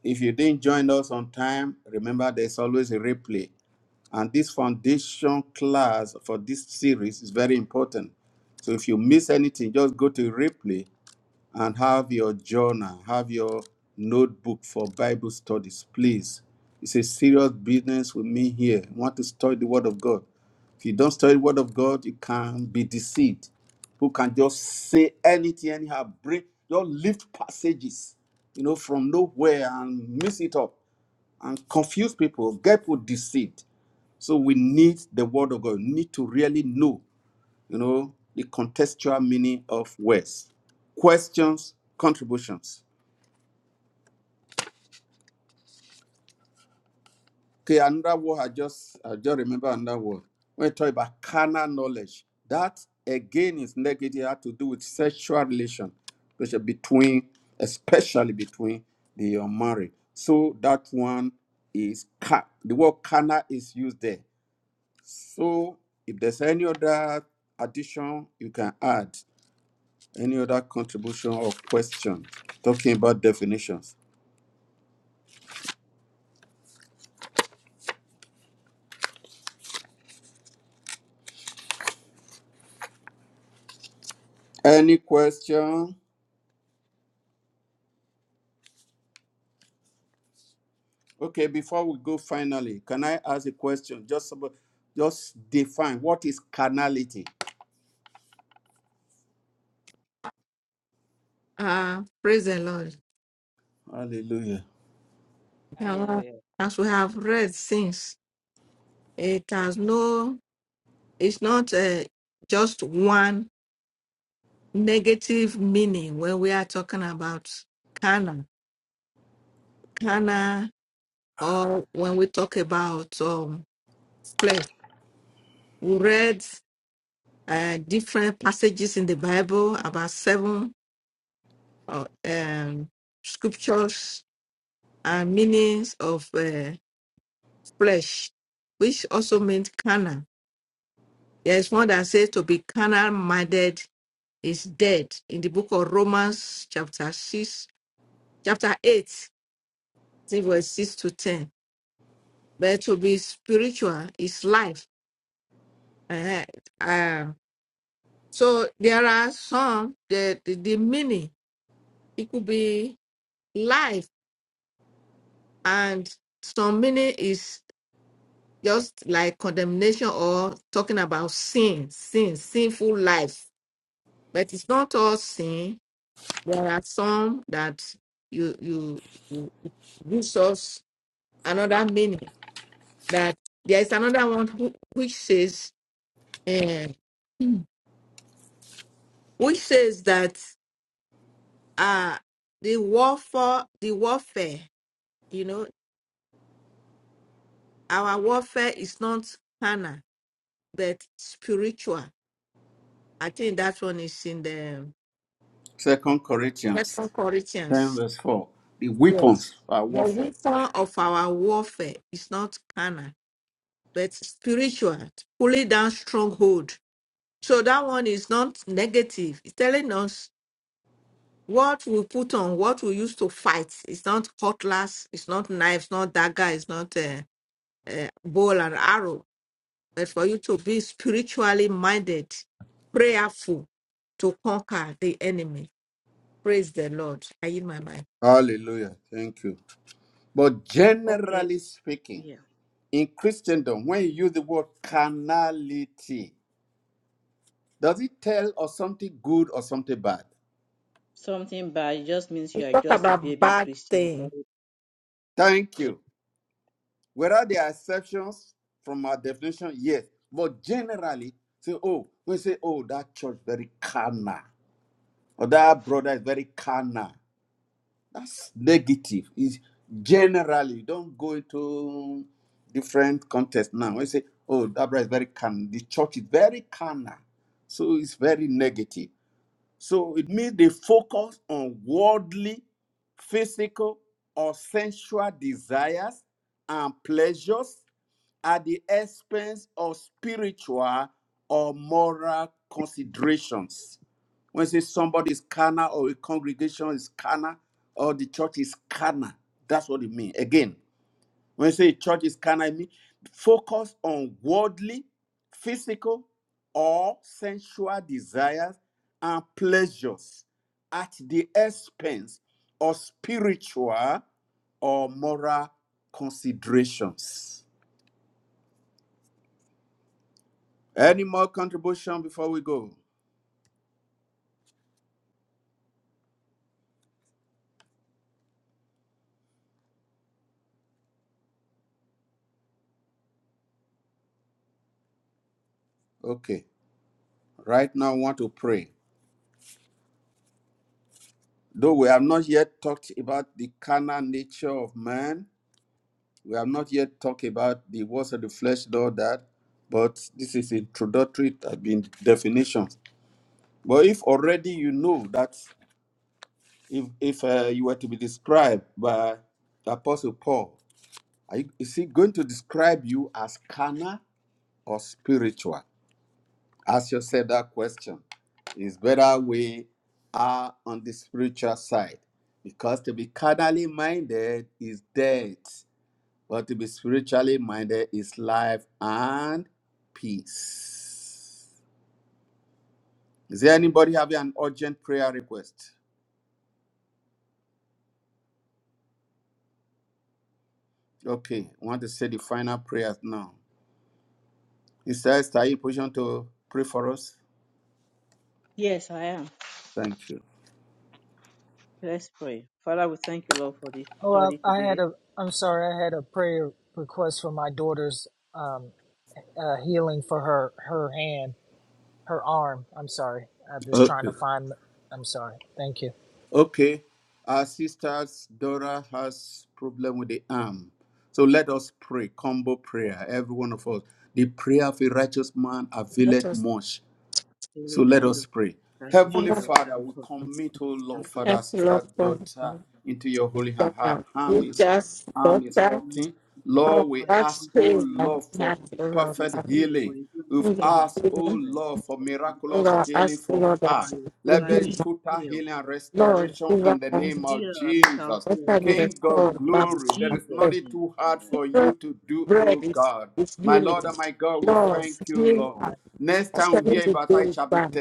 Speaker 1: If you didn't join us on time, remember there's always a replay. And this foundation class for this series is very important. So if you miss anything, just go to replay and have your journal, have your notebook for Bible studies, please. It's a serious business with me here. You want to study the Word of God. If you don't study the Word of God, you can be deceived. Who can just say anything, anyhow, bring, just lift passages, you know, from nowhere and mix it up and confuse people, get people deceived. So we need the Word of God. We need to really know you know, the contextual meaning of words. Questions, contributions. Okay, another word I just I just remember another word. When we talk about carnal knowledge, that again is negative, had to do with sexual relation, which are between, especially between the unmarried. So that one is ca- the word carnal is used there. So if there's any other addition you can add, Any other contribution or question? Talking about definitions. Any question? Okay, before we go finally, can I ask a question? Just about, just define what is carnality.
Speaker 2: Ah, praise the Lord.
Speaker 1: Hallelujah.
Speaker 2: Uh,
Speaker 3: Hallelujah.
Speaker 2: as we have read since, it has no, it's not uh, just one negative meaning when we are talking about Cana, Cana, or when we talk about um, flesh. We read uh, different passages in the Bible about seven uh, um, scriptures and meanings of uh, flesh, which also means Cana. There is one that says to be carnal minded is dead in the book of Romans, chapter 6, chapter 8, I verse 6 to 10. But to be spiritual is life. Eh, eh, um, so there are some that the, the meaning, it could be life, and some meaning is just like condemnation or talking about sin, sin, sinful life. But it's not all sin. There are some that you you, you gives us another meaning that there is another one who, which says eh, which says that uh the warfare the warfare you know our warfare is not carnal but spiritual i think that one is in the
Speaker 1: Second Corinthians
Speaker 2: second
Speaker 1: 10
Speaker 2: corinthians
Speaker 1: verse 4. The
Speaker 2: yes
Speaker 1: weapons are
Speaker 2: the
Speaker 1: warfare.
Speaker 2: weapon of our warfare is not carnal but spiritual pulling down stronghold so that one is not negative it's telling us What we put on, what we use to fight, it's not cutlass, it's not knives, not dagger, it's not a, a bow and arrow. But for you to be spiritually minded, prayerful to conquer the enemy. Praise the Lord. I in my mind.
Speaker 1: Hallelujah. Thank you. But
Speaker 3: Okay.
Speaker 1: generally speaking,
Speaker 3: Yeah.
Speaker 1: in Christendom, when you use the word carnality, does it tell us something good or something bad?
Speaker 3: Something bad it just means
Speaker 2: We
Speaker 3: you are
Speaker 2: talk
Speaker 3: just a
Speaker 2: about
Speaker 3: baby
Speaker 2: bad
Speaker 3: Christian. or-
Speaker 2: thing.
Speaker 1: Thank
Speaker 3: or-
Speaker 1: you. Whether there are exceptions from our definition, yes. But generally, say, oh, we say, oh, that church very carnal, or that brother is very carnal. That's negative. Is generally don't go into different context now. We say, oh, that brother is very carnal. The church is very carnal, so it's very negative. So it means they focus on worldly, physical, or sensual desires and pleasures at the expense of spiritual or moral considerations. When you say somebody is carnal or a congregation is carnal or the church is carnal, that's what it means. Again, when you say church is carnal, it means focus on worldly, physical, or sensual desires and pleasures at the expense of spiritual or moral considerations. Any more contribution before we go? Okay. Right now, I want to pray. Though we have not yet talked about the carnal nature of man, we have not yet talked about the works of the flesh, though that, but this is introductory it has been definitions. But if already you know that, if if uh, you were to be described by the Apostle Paul, are you, is he going to describe you as carnal or spiritual? Ask yourself that question. It's better we are on the spiritual side because to be carnally minded is death, but to be spiritually minded is life and peace. Is there anybody having an urgent prayer request? Okay, I want to say the final prayers now. Is there in position to pray for us?
Speaker 3: Yes, I am.
Speaker 1: Thank you.
Speaker 3: Let's pray. Father, we thank you, Lord, for this
Speaker 4: Oh,
Speaker 3: study
Speaker 4: I, I had
Speaker 3: today.
Speaker 4: a. I'm sorry. I had a prayer request for my daughter's um, uh, healing for her her hand, her arm. I'm sorry. I'm just trying
Speaker 1: Okay.
Speaker 4: to find. I'm sorry. Thank you,
Speaker 1: Okay, our sisters Dora has problem with the arm. So let us pray, combo prayer, every one of us. The prayer of a righteous man
Speaker 2: That
Speaker 1: availeth
Speaker 2: was
Speaker 1: much.
Speaker 3: Holy
Speaker 1: So let
Speaker 3: candle,
Speaker 1: us pray.
Speaker 3: candle,
Speaker 1: Heavenly
Speaker 3: shadow,
Speaker 1: Father,
Speaker 3: candle,
Speaker 1: we
Speaker 3: holy.
Speaker 1: commit, oh Lord,
Speaker 3: Thank
Speaker 1: Father,
Speaker 3: you,
Speaker 1: our
Speaker 2: help
Speaker 3: Lord.
Speaker 1: sister,
Speaker 2: love from
Speaker 1: daughter, into your holy hand. Her arm
Speaker 2: you
Speaker 3: for-
Speaker 1: is
Speaker 2: just
Speaker 1: arm is
Speaker 2: daughter
Speaker 1: hurting.
Speaker 2: from
Speaker 3: Healing
Speaker 1: Lord, we
Speaker 3: Father,
Speaker 2: that
Speaker 3: from
Speaker 1: ask,
Speaker 3: that
Speaker 1: oh
Speaker 2: space that
Speaker 3: man,
Speaker 1: Lord,
Speaker 2: we
Speaker 1: for
Speaker 2: have the
Speaker 3: that
Speaker 2: Lord.
Speaker 3: you
Speaker 1: perfect
Speaker 2: And
Speaker 3: heal
Speaker 1: healing.
Speaker 3: what is in the
Speaker 1: We've
Speaker 2: we
Speaker 3: pain and
Speaker 1: asked,
Speaker 2: give
Speaker 1: oh
Speaker 2: you,
Speaker 3: sickness
Speaker 1: Lord, for
Speaker 3: of one
Speaker 1: miraculous
Speaker 3: soul.
Speaker 2: Lord,
Speaker 1: healing
Speaker 2: ask the
Speaker 1: for
Speaker 2: Lord that
Speaker 3: By
Speaker 1: her.
Speaker 3: your
Speaker 2: you
Speaker 1: Let
Speaker 3: stripes
Speaker 1: there be
Speaker 3: she
Speaker 1: total
Speaker 3: healed.
Speaker 1: healing and
Speaker 2: Lord,
Speaker 1: restoration
Speaker 2: give
Speaker 1: in
Speaker 2: us
Speaker 1: the name
Speaker 3: Heal
Speaker 1: of
Speaker 3: her, make her
Speaker 1: Jesus.
Speaker 3: whole
Speaker 2: water
Speaker 3: by
Speaker 2: be
Speaker 3: your
Speaker 2: the
Speaker 1: King
Speaker 3: power
Speaker 1: of
Speaker 2: soul of
Speaker 3: now
Speaker 2: our
Speaker 3: in
Speaker 1: glory, there is
Speaker 3: Jesus'
Speaker 2: faith.
Speaker 1: nothing
Speaker 3: name.
Speaker 1: too hard
Speaker 2: Give
Speaker 3: Amen.
Speaker 1: for
Speaker 2: us
Speaker 1: you to do, O
Speaker 2: Bread
Speaker 3: Thank you.
Speaker 2: is,
Speaker 1: God.
Speaker 2: is
Speaker 3: Lord,
Speaker 1: My
Speaker 2: healing.
Speaker 1: Lord
Speaker 3: and
Speaker 1: and
Speaker 3: we
Speaker 1: my God, we
Speaker 2: Lord,
Speaker 1: thank you,
Speaker 2: heal
Speaker 3: pray
Speaker 1: Lord.
Speaker 2: us.
Speaker 3: that
Speaker 1: Next
Speaker 3: Jesus'
Speaker 1: time we
Speaker 2: According
Speaker 1: hear
Speaker 2: to
Speaker 1: about how it
Speaker 2: James
Speaker 1: shall be
Speaker 2: 1,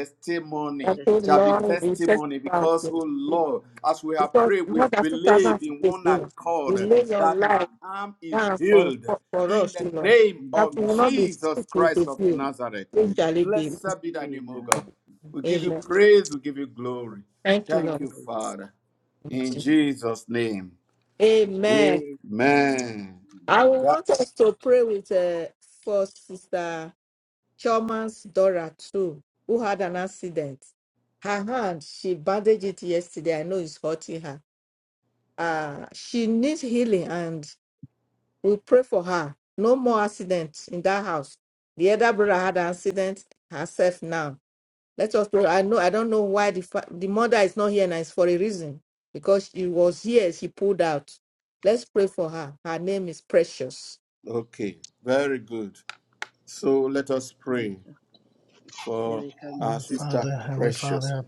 Speaker 2: that says,
Speaker 1: shall be
Speaker 3: Testimony
Speaker 2: Lord, we set
Speaker 1: testimony,
Speaker 3: of
Speaker 2: about
Speaker 1: because,
Speaker 2: your
Speaker 3: hope
Speaker 1: oh
Speaker 2: healing.
Speaker 1: Lord, as we have
Speaker 2: Because
Speaker 1: prayed, we
Speaker 2: more than 2,000
Speaker 1: believe
Speaker 3: and
Speaker 1: in
Speaker 2: years
Speaker 1: one
Speaker 2: ago,
Speaker 3: faith
Speaker 2: you
Speaker 1: accord
Speaker 3: shall
Speaker 2: laid your
Speaker 1: that
Speaker 3: come
Speaker 1: her
Speaker 2: life
Speaker 3: with
Speaker 1: arm
Speaker 3: you
Speaker 1: is
Speaker 2: down for,
Speaker 1: healed
Speaker 2: for, for
Speaker 1: in
Speaker 2: us,
Speaker 1: the
Speaker 2: you know,
Speaker 1: name
Speaker 3: in
Speaker 2: that
Speaker 1: of
Speaker 2: we will
Speaker 3: Jesus'
Speaker 2: not be sick
Speaker 1: Jesus
Speaker 2: with
Speaker 1: Christ
Speaker 2: the
Speaker 1: of
Speaker 2: healing.
Speaker 1: Nazareth.
Speaker 2: We
Speaker 3: name.
Speaker 2: shall be.
Speaker 1: Blessed be thy name, O
Speaker 3: Amen.
Speaker 1: God. We give you
Speaker 3: Shall.
Speaker 2: Amen.
Speaker 1: praise. We give you glory.
Speaker 2: Thank you,
Speaker 3: Oh,
Speaker 1: Thank you, Father. In
Speaker 2: Lord.
Speaker 3: Amen.
Speaker 1: Jesus' name.
Speaker 2: Amen.
Speaker 3: Amen.
Speaker 1: Amen.
Speaker 2: I would
Speaker 1: That
Speaker 2: want us to pray with uh, for Sister Chairman's daughter too, who had an accident. Her hand, she bandaged it yesterday. I know it's hurting her. Uh, she needs healing, and we pray for her. No more accidents in that house. The other brother had an accident herself now. Let us pray. I know I don't know why the fa- the mother is not here, and it's for a reason because she was here. She pulled out. Let's pray for her. Her name is Precious.
Speaker 1: okay. Very good. So let us
Speaker 3: Amen.
Speaker 1: pray
Speaker 3: Yeah,
Speaker 1: for
Speaker 3: we can be
Speaker 1: our
Speaker 4: Um,
Speaker 3: so
Speaker 1: sister
Speaker 4: Father, Heavenly
Speaker 1: precious.
Speaker 4: Father.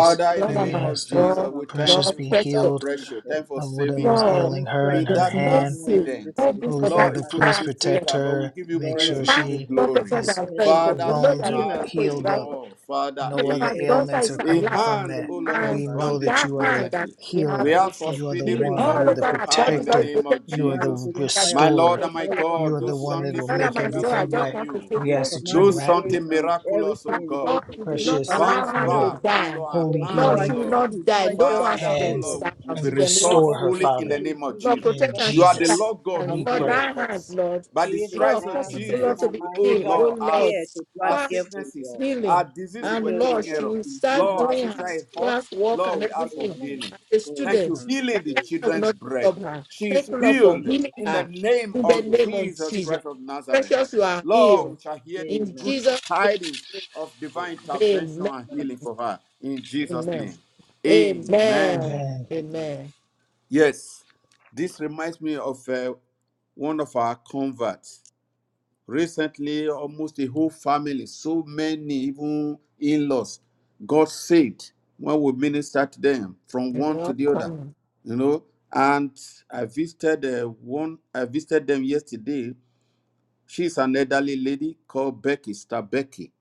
Speaker 3: Lord, touch
Speaker 1: in the
Speaker 4: we
Speaker 1: name of
Speaker 3: blessings
Speaker 4: ask
Speaker 3: in
Speaker 4: that
Speaker 3: the
Speaker 1: Jesus,
Speaker 3: name
Speaker 1: we
Speaker 3: of
Speaker 1: thank
Speaker 4: Precious
Speaker 2: Lord,
Speaker 1: you
Speaker 3: Jesus.
Speaker 4: be
Speaker 1: for
Speaker 2: precious
Speaker 1: Sister
Speaker 4: healed
Speaker 1: Precious. Thank
Speaker 3: Amen.
Speaker 1: you for
Speaker 4: of whatever
Speaker 1: saving
Speaker 4: is
Speaker 3: We
Speaker 1: her.
Speaker 2: Lord,
Speaker 4: ailing
Speaker 3: commit
Speaker 4: her and
Speaker 1: In
Speaker 4: her
Speaker 3: precious
Speaker 2: his
Speaker 1: that
Speaker 3: into your
Speaker 4: hand.
Speaker 3: hand,
Speaker 2: mercy,
Speaker 3: we rebuke
Speaker 1: accident,
Speaker 3: for
Speaker 2: God's
Speaker 3: the
Speaker 4: Holy
Speaker 3: spirit of
Speaker 1: Lord,
Speaker 4: Father,
Speaker 1: it could have
Speaker 4: please
Speaker 1: been
Speaker 3: accident.
Speaker 2: master,
Speaker 4: protect
Speaker 1: fatal, but we
Speaker 4: her.
Speaker 1: give
Speaker 3: The
Speaker 1: you
Speaker 4: Make
Speaker 3: Blood
Speaker 1: praise,
Speaker 4: sure
Speaker 3: of
Speaker 1: we give
Speaker 2: last
Speaker 1: you
Speaker 4: she
Speaker 3: Jesus,
Speaker 1: glory.
Speaker 2: protection that
Speaker 4: is
Speaker 3: protect our
Speaker 2: available. We
Speaker 1: Father,
Speaker 3: Lord,
Speaker 2: know
Speaker 1: she
Speaker 4: bones
Speaker 2: that the
Speaker 3: heal
Speaker 4: are
Speaker 3: our
Speaker 1: has,
Speaker 2: temple is
Speaker 1: oh
Speaker 3: hand,
Speaker 4: healed
Speaker 3: O
Speaker 4: up
Speaker 2: rightful.
Speaker 3: Lord,
Speaker 1: Lord, Father,
Speaker 3: and
Speaker 4: no
Speaker 2: Let
Speaker 4: other
Speaker 1: a
Speaker 2: our
Speaker 3: protect them
Speaker 2: sponsor
Speaker 3: from
Speaker 4: ailments
Speaker 2: is
Speaker 4: are
Speaker 2: our
Speaker 3: all
Speaker 1: A
Speaker 4: coming
Speaker 2: life,
Speaker 4: from
Speaker 3: accidents.
Speaker 1: hand,
Speaker 3: In
Speaker 4: that.
Speaker 1: O
Speaker 3: the
Speaker 1: Lord,
Speaker 3: name
Speaker 1: that is
Speaker 3: of
Speaker 2: and
Speaker 4: We
Speaker 3: our
Speaker 4: know
Speaker 3: Lord
Speaker 4: that
Speaker 2: that
Speaker 1: bandaged
Speaker 4: you
Speaker 3: Jesus,
Speaker 4: are the
Speaker 2: hand that
Speaker 1: presently.
Speaker 2: we have
Speaker 1: We
Speaker 4: healer.
Speaker 3: we
Speaker 1: ask
Speaker 2: is
Speaker 1: for
Speaker 3: come.
Speaker 4: You are the
Speaker 1: speedy
Speaker 3: Heal the
Speaker 4: one. You
Speaker 2: all
Speaker 4: are
Speaker 1: recovery
Speaker 3: hand
Speaker 4: the
Speaker 2: over
Speaker 3: by
Speaker 1: for
Speaker 3: your
Speaker 2: our
Speaker 1: her
Speaker 2: body,
Speaker 3: power,
Speaker 1: in the
Speaker 3: Lord.
Speaker 2: Lord,
Speaker 4: protector.
Speaker 1: name of
Speaker 2: protected
Speaker 4: You are
Speaker 2: by
Speaker 4: the
Speaker 3: Command the
Speaker 1: Jesus.
Speaker 3: healing
Speaker 2: that
Speaker 3: fire
Speaker 1: My
Speaker 3: upon us,
Speaker 4: restorer.
Speaker 1: Lord and
Speaker 3: and
Speaker 1: my
Speaker 3: all
Speaker 2: God.
Speaker 3: over our
Speaker 4: You
Speaker 1: God,
Speaker 4: are
Speaker 1: do
Speaker 4: the
Speaker 3: body,
Speaker 4: one that
Speaker 3: any
Speaker 1: something
Speaker 4: will
Speaker 2: Another
Speaker 3: aches
Speaker 4: make
Speaker 1: special,
Speaker 2: man
Speaker 3: on
Speaker 1: do
Speaker 3: that
Speaker 2: said, I
Speaker 4: everything
Speaker 3: body.
Speaker 2: just
Speaker 4: right.
Speaker 1: something
Speaker 2: want to
Speaker 1: new,
Speaker 2: say
Speaker 4: We
Speaker 3: We
Speaker 4: ask
Speaker 2: thank
Speaker 4: that
Speaker 3: command
Speaker 4: you
Speaker 1: do
Speaker 3: the
Speaker 2: you
Speaker 4: wrap
Speaker 3: aches
Speaker 1: something
Speaker 3: and
Speaker 1: miraculous, O
Speaker 2: that
Speaker 3: everything in the
Speaker 2: Lord,
Speaker 3: body
Speaker 1: God.
Speaker 3: to
Speaker 2: you
Speaker 3: go.
Speaker 2: did
Speaker 1: She
Speaker 2: not
Speaker 4: Precious
Speaker 3: Father,
Speaker 2: allow
Speaker 1: bounce
Speaker 3: heal
Speaker 4: in
Speaker 2: her
Speaker 4: your
Speaker 2: to
Speaker 3: us.
Speaker 1: back, O
Speaker 2: die.
Speaker 1: Lord, her
Speaker 3: Your
Speaker 4: holy
Speaker 1: hand,
Speaker 2: Lord,
Speaker 1: O
Speaker 3: power
Speaker 2: she
Speaker 4: healing
Speaker 2: will
Speaker 3: is
Speaker 1: Lord.
Speaker 2: not
Speaker 3: good.
Speaker 2: die. No
Speaker 3: Precious
Speaker 2: more
Speaker 3: is
Speaker 1: Father, O
Speaker 2: accidents.
Speaker 3: good.
Speaker 1: Lord,
Speaker 4: hands
Speaker 2: That
Speaker 1: will be
Speaker 4: and
Speaker 2: accident, no more
Speaker 1: restored
Speaker 4: restore
Speaker 3: Precious
Speaker 4: her,
Speaker 3: is
Speaker 1: fully
Speaker 2: accidents.
Speaker 1: in
Speaker 4: Father.
Speaker 1: the
Speaker 3: here in
Speaker 1: name of
Speaker 3: Jesus.
Speaker 2: Lord,
Speaker 1: Jesus.
Speaker 3: We
Speaker 4: In
Speaker 2: protect
Speaker 3: thank
Speaker 2: and
Speaker 1: You
Speaker 3: you,
Speaker 1: are
Speaker 2: shield
Speaker 1: the
Speaker 3: Lord,
Speaker 2: our
Speaker 3: for
Speaker 4: Jesus,
Speaker 1: Lord
Speaker 3: making
Speaker 1: God
Speaker 2: family.
Speaker 3: our
Speaker 1: who
Speaker 4: we
Speaker 2: Lord,
Speaker 4: pray.
Speaker 3: whole.
Speaker 1: healeth
Speaker 2: thy hand,
Speaker 1: us.
Speaker 2: Lord.
Speaker 1: By the
Speaker 3: Heal the
Speaker 2: Lord,
Speaker 1: stripes of
Speaker 2: cause
Speaker 3: hand,
Speaker 2: it, O
Speaker 4: Amen.
Speaker 3: heal
Speaker 2: Lord, to
Speaker 1: Jesus,
Speaker 3: our
Speaker 2: be
Speaker 1: you,
Speaker 3: mind.
Speaker 1: O
Speaker 3: Give
Speaker 2: healed.
Speaker 3: us
Speaker 2: Oh,
Speaker 1: Lord,
Speaker 2: Lord,
Speaker 3: care
Speaker 1: us.
Speaker 3: to
Speaker 1: Our
Speaker 3: drive
Speaker 2: fast
Speaker 3: carefully,
Speaker 1: sicknesses,
Speaker 3: Lord.
Speaker 1: our
Speaker 2: healing.
Speaker 3: We
Speaker 1: diseases were
Speaker 3: pray,
Speaker 2: And
Speaker 3: oh
Speaker 1: taken
Speaker 2: Lord, she
Speaker 1: care
Speaker 3: Lord,
Speaker 1: of.
Speaker 2: will
Speaker 3: in
Speaker 2: start
Speaker 1: Lord,
Speaker 3: Jesus'
Speaker 1: our
Speaker 2: doing
Speaker 3: name,
Speaker 2: her
Speaker 1: sister
Speaker 3: I
Speaker 1: is
Speaker 3: pray.
Speaker 1: hot.
Speaker 2: class work and
Speaker 1: Lord, we ask for
Speaker 2: everything
Speaker 3: Amen.
Speaker 1: healing.
Speaker 2: as a
Speaker 3: Lord,
Speaker 1: Thank you,
Speaker 2: student.
Speaker 3: from the
Speaker 1: healing
Speaker 2: That
Speaker 1: the
Speaker 3: very
Speaker 2: I
Speaker 3: from
Speaker 2: will
Speaker 3: the
Speaker 1: children's
Speaker 2: not
Speaker 3: Lord.
Speaker 1: bread.
Speaker 2: stop her.
Speaker 1: She
Speaker 2: Thank
Speaker 1: is
Speaker 2: you, Lord,
Speaker 3: In
Speaker 2: for
Speaker 1: healed
Speaker 2: healing
Speaker 3: Jesus'
Speaker 1: in the
Speaker 3: name.
Speaker 2: her.
Speaker 1: name
Speaker 2: In the
Speaker 1: of
Speaker 2: name
Speaker 3: Amen.
Speaker 2: of
Speaker 1: Jesus
Speaker 2: Jesus.
Speaker 1: Christ of Nazareth.
Speaker 2: Precious, you are
Speaker 1: Lord,
Speaker 2: healed.
Speaker 1: we shall hear the
Speaker 2: In
Speaker 1: good
Speaker 3: Amen.
Speaker 2: Jesus' name,
Speaker 1: tidings
Speaker 2: we
Speaker 1: of divine
Speaker 3: Amen.
Speaker 2: pray.
Speaker 1: intervention
Speaker 2: amen.
Speaker 1: and
Speaker 3: Thank
Speaker 1: healing
Speaker 3: you,
Speaker 1: for
Speaker 3: Lord.
Speaker 1: her in Jesus'
Speaker 2: Amen.
Speaker 1: name.
Speaker 3: Amen.
Speaker 1: Amen.
Speaker 2: Amen.
Speaker 4: Amen.
Speaker 3: Amen.
Speaker 2: Amen.
Speaker 1: Yes, this reminds me of uh, one of our converts. Recently, almost the whole family, so many, even in laws, got saved when we ministered to them from
Speaker 2: You're
Speaker 1: one to the other,
Speaker 2: welcome.
Speaker 1: you know. And I visited uh, one, I visited them yesterday. She's an elderly lady called Becky, Star Becky.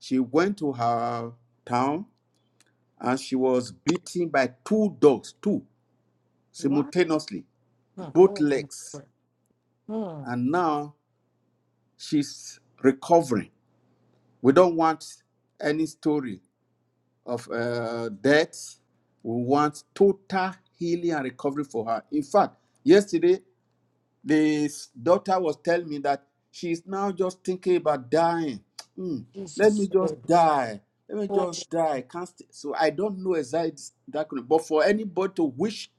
Speaker 1: She went to her town and she was beaten by two dogs, two
Speaker 2: What
Speaker 1: simultaneously,
Speaker 2: the
Speaker 1: both
Speaker 2: hell is
Speaker 1: legs.
Speaker 2: going on?
Speaker 1: And now she's recovering. We don't want any story of uh, death. We want total healing and recovery for her. In fact, yesterday, this daughter was telling me that she's now just thinking about dying. [TSK] Hmm, let me
Speaker 2: Jesus, Lord,
Speaker 1: just die. Let me
Speaker 2: oh,
Speaker 1: just die. can't. St-. So I don't know exactly that. could- But for anybody to wish